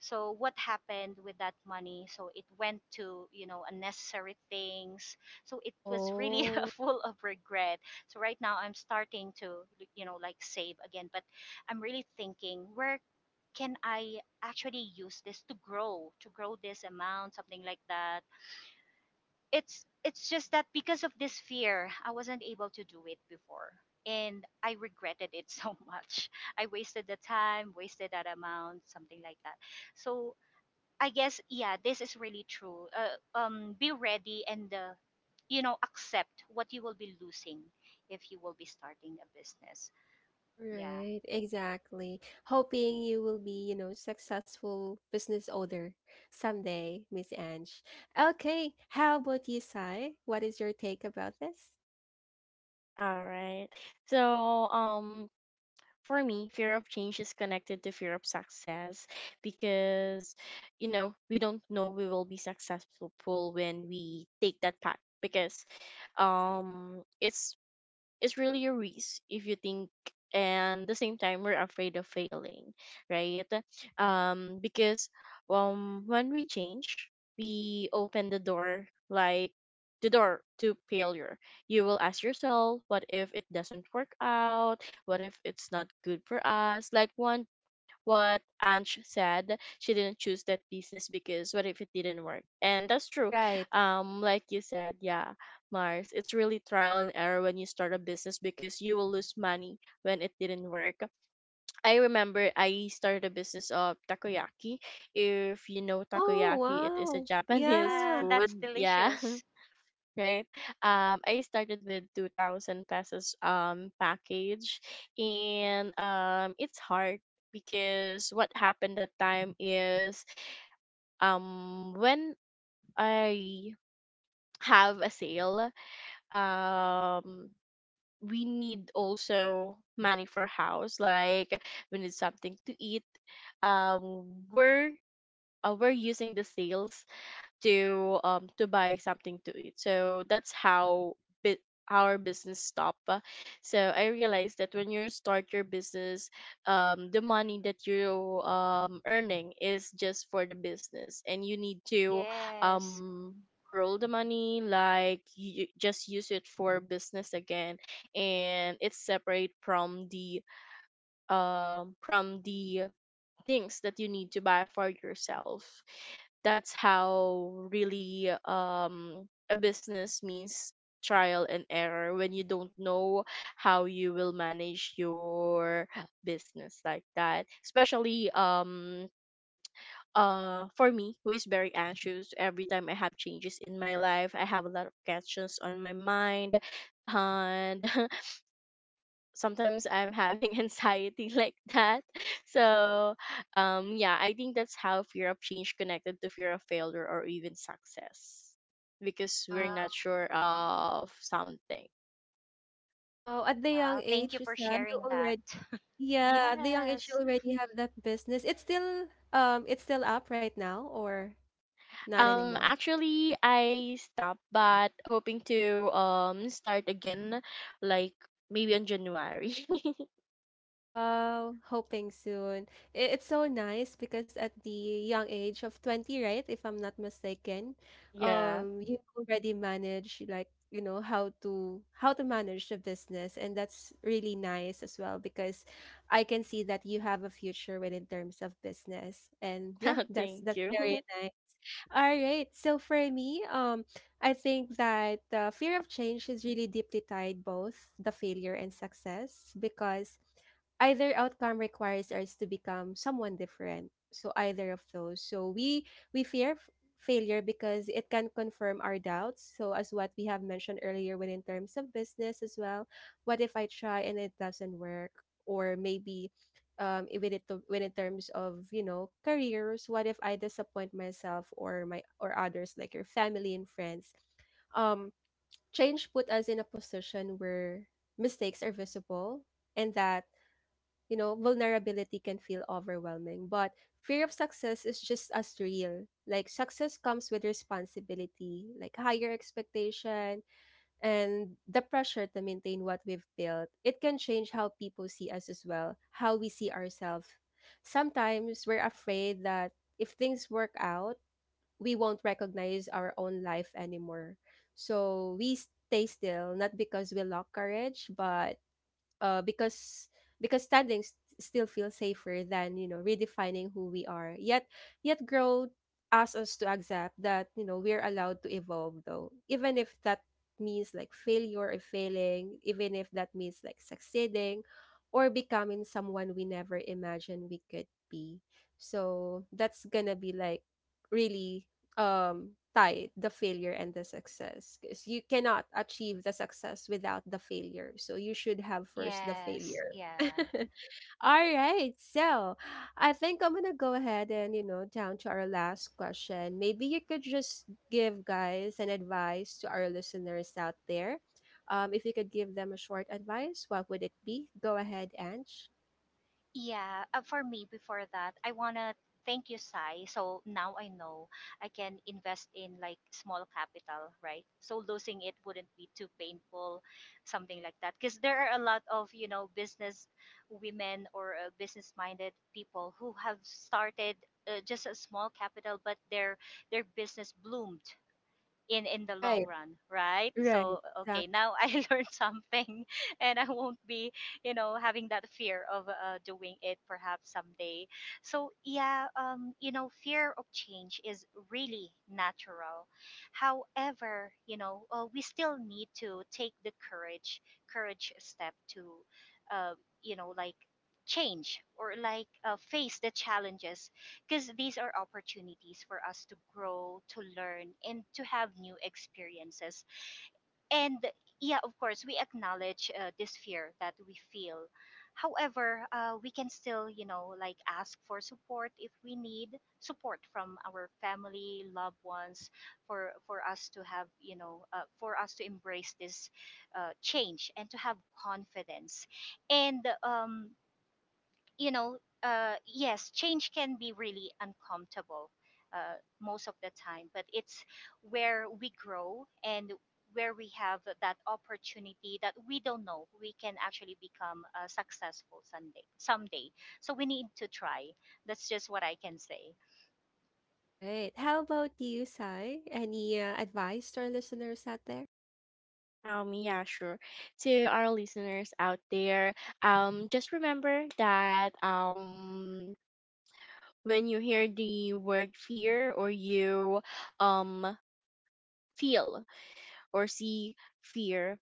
[SPEAKER 2] So what happened with that money? So it went to, you know, unnecessary things. So it was really
[SPEAKER 1] Oh,
[SPEAKER 2] full of regret. So right now I'm starting to, you know, like save again, but I'm really thinking where can I actually use this to grow this amount, something like that. It's just that, because of this fear, I wasn't able to do it before. And I regretted it so much. I wasted the time, wasted that amount, something like that. So, I guess, yeah, this is really true. Be ready and you know, accept what you will be losing if you will be starting a business. Yeah,
[SPEAKER 1] right. Exactly. Hoping you will be, you know, successful business owner someday, Miss Ange. Okay, how about you, Sai? What is your take about this?
[SPEAKER 3] All right. So, for me, fear of change is connected to fear of success because, we don't know we will be successful when we take that path, because, it's is really a risk if you think. And the same time we're afraid of failing, right? Because, when we change we open the door, like the door to failure. You will ask yourself, what if it doesn't work out? What if it's not good for us? Like one, what Ange said. She didn't choose that business because what if it didn't work? And that's true.
[SPEAKER 1] Right.
[SPEAKER 3] Like you said, yeah, Mars, it's really trial and error when you start a business because you will lose money when it didn't work. I remember I started a business of takoyaki. If you know
[SPEAKER 1] Oh,
[SPEAKER 3] takoyaki, it is a
[SPEAKER 1] wow.
[SPEAKER 3] Japanese
[SPEAKER 2] yeah,
[SPEAKER 1] Yeah.
[SPEAKER 3] food.
[SPEAKER 2] that's
[SPEAKER 3] Yeah,
[SPEAKER 2] delicious.
[SPEAKER 3] right? I started with 2,000 pesos package, and, it's hard because what happened that time is, when I have a sale, um, we need also money for house, like we need something to eat. Um, we're we're using the sales to buy something to eat. So that's how bi- our business stop. So I realized that when you start your business, the money that you earning is just for the business, and you need to
[SPEAKER 2] Yes.
[SPEAKER 3] um roll the money, like you just use it for business again, and it's separate from the things that you need to buy for yourself. That's how really, a business means trial and error, when you don't know how you will manage your business like that, especially, for me who is very anxious every time I have changes in my life. I have a lot of questions on my mind, and sometimes I'm having anxiety like that. So, yeah, I think that's how fear of change connected to fear of failure or even success, because we're
[SPEAKER 1] Wow.
[SPEAKER 3] not sure of something.
[SPEAKER 1] Wow, at the young
[SPEAKER 2] Wow. Thank
[SPEAKER 1] age,
[SPEAKER 2] you for
[SPEAKER 1] Sai, you
[SPEAKER 2] sharing that.
[SPEAKER 1] already, yeah, at the young age, you
[SPEAKER 2] Yes.
[SPEAKER 1] already have that business. It's still up right now or not anymore?
[SPEAKER 3] Actually, I stopped, but hoping to start again, like maybe on January.
[SPEAKER 1] Wow, hoping soon. It's so nice because at the young age of 20, right, if I'm not mistaken,
[SPEAKER 3] Yeah.
[SPEAKER 1] you already manage like, you know, how to manage the business, and that's really nice as well because I can see that you have a future within terms of business. And yeah, that's
[SPEAKER 3] Thank
[SPEAKER 1] that's very
[SPEAKER 3] you.
[SPEAKER 1] nice. All right, so for me, I think that fear of change is really deeply tied both the failure and success because either outcome requires us to become someone different. So either of those. So we, we fear f- failure because it can confirm our doubts. So as what we have mentioned earlier, when in terms of business as well, what if I try and it doesn't work? Or maybe even it to, when in terms of you know careers, what if I disappoint myself or my, or others like your family and friends. um change put us in a position where mistakes are visible, and that you know vulnerability can feel overwhelming. But fear of success is just as real, like success comes with responsibility, like higher expectation and the pressure to maintain what we've built. It can change how people see us as well, how we see ourselves. Sometimes we're afraid that if things work out, we won't recognize our own life anymore. So we stay still, not because we lack courage, but because because standing still feels safer than you know redefining who we are. Yet, yet growth asks us to accept that you know we're allowed to evolve though, even if that means like failure or failing, even if that means like succeeding or becoming someone we never imagined we could be. So that's gonna be like really tie the failure and the success because you cannot achieve the success without the failure, so you should have first the
[SPEAKER 2] Yes.
[SPEAKER 1] failure.
[SPEAKER 2] Yeah.
[SPEAKER 1] All right, so I think I'm gonna go ahead and you know down to our last question. Maybe you could just give guys an advice to our listeners out there. If you could give them a short advice, what would it be? Go ahead, Ange.
[SPEAKER 2] Yeah, for me, before that, I wanna thank you, Sai. So now I know I can invest in like small capital, right? So losing it wouldn't be too painful, something like that. Because there are a lot of, you know, business women or business-minded people who have started just a small capital, but their business bloomed in the long
[SPEAKER 1] Right,
[SPEAKER 2] run, right?
[SPEAKER 1] right.
[SPEAKER 2] So, okay, now I learned something, and I won't be, you know, having that fear of doing it perhaps someday. So yeah, you know, fear of change is really natural. However, you know, we still need to take the courage step to uh, you know, like change, or like face the challenges, because these are opportunities for us to grow, to learn, and to have new experiences. And yeah, of course, we acknowledge this fear that we feel. However, we can still, you know, like ask for support if we need support from our family, loved ones, for us to have, you know, for us to embrace this change and to have confidence. And you know, yes, change can be really uncomfortable most of the time, but it's where we grow, and where we have that opportunity that we don't know we can actually become successful someday. Someday, so we need to try. That's just what I can say.
[SPEAKER 1] Right. How about you, Sai? Any advice to our listeners out there?
[SPEAKER 3] Yeah, sure. To our listeners out there, just remember that, when you hear the word fear, or you um feel or see fear,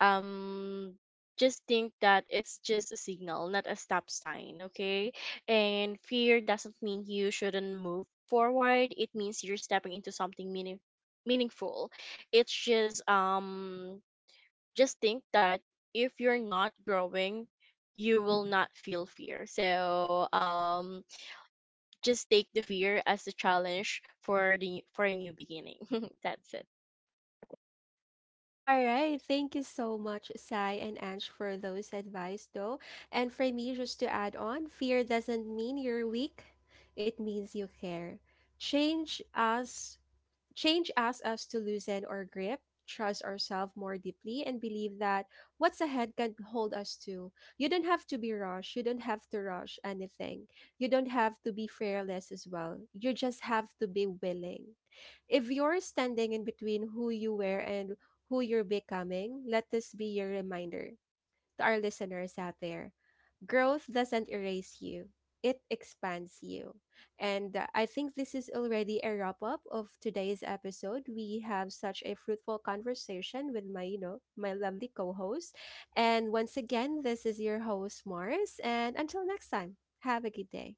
[SPEAKER 3] um just think that it's just a signal, not a stop sign. Okay? And fear doesn't mean you shouldn't move forward, it means you're stepping into something meaningful. It's just, just think that if you're not growing, you will not feel fear. So, just take the fear as a challenge for the for a new beginning. That's it.
[SPEAKER 1] All right, thank you so much, Sai and Ange, for those advice, though. And for me, just to add on, fear doesn't mean you're weak. It means you care. Change us change asks us to loosen our grip, trust ourselves more deeply, and believe that what's ahead can hold us too. You don't have to be rushed. You don't have to rush anything. You don't have to be fearless as well. You just have to be willing. If you're standing in between who you were and who you're becoming, let this be your reminder, to our listeners out there, growth doesn't erase you, it expands you. And I think this is already a wrap up of today's episode. We have such a fruitful conversation with my, you know, my lovely co-host. And once again, this is your host Mars, and until next time, have a good day.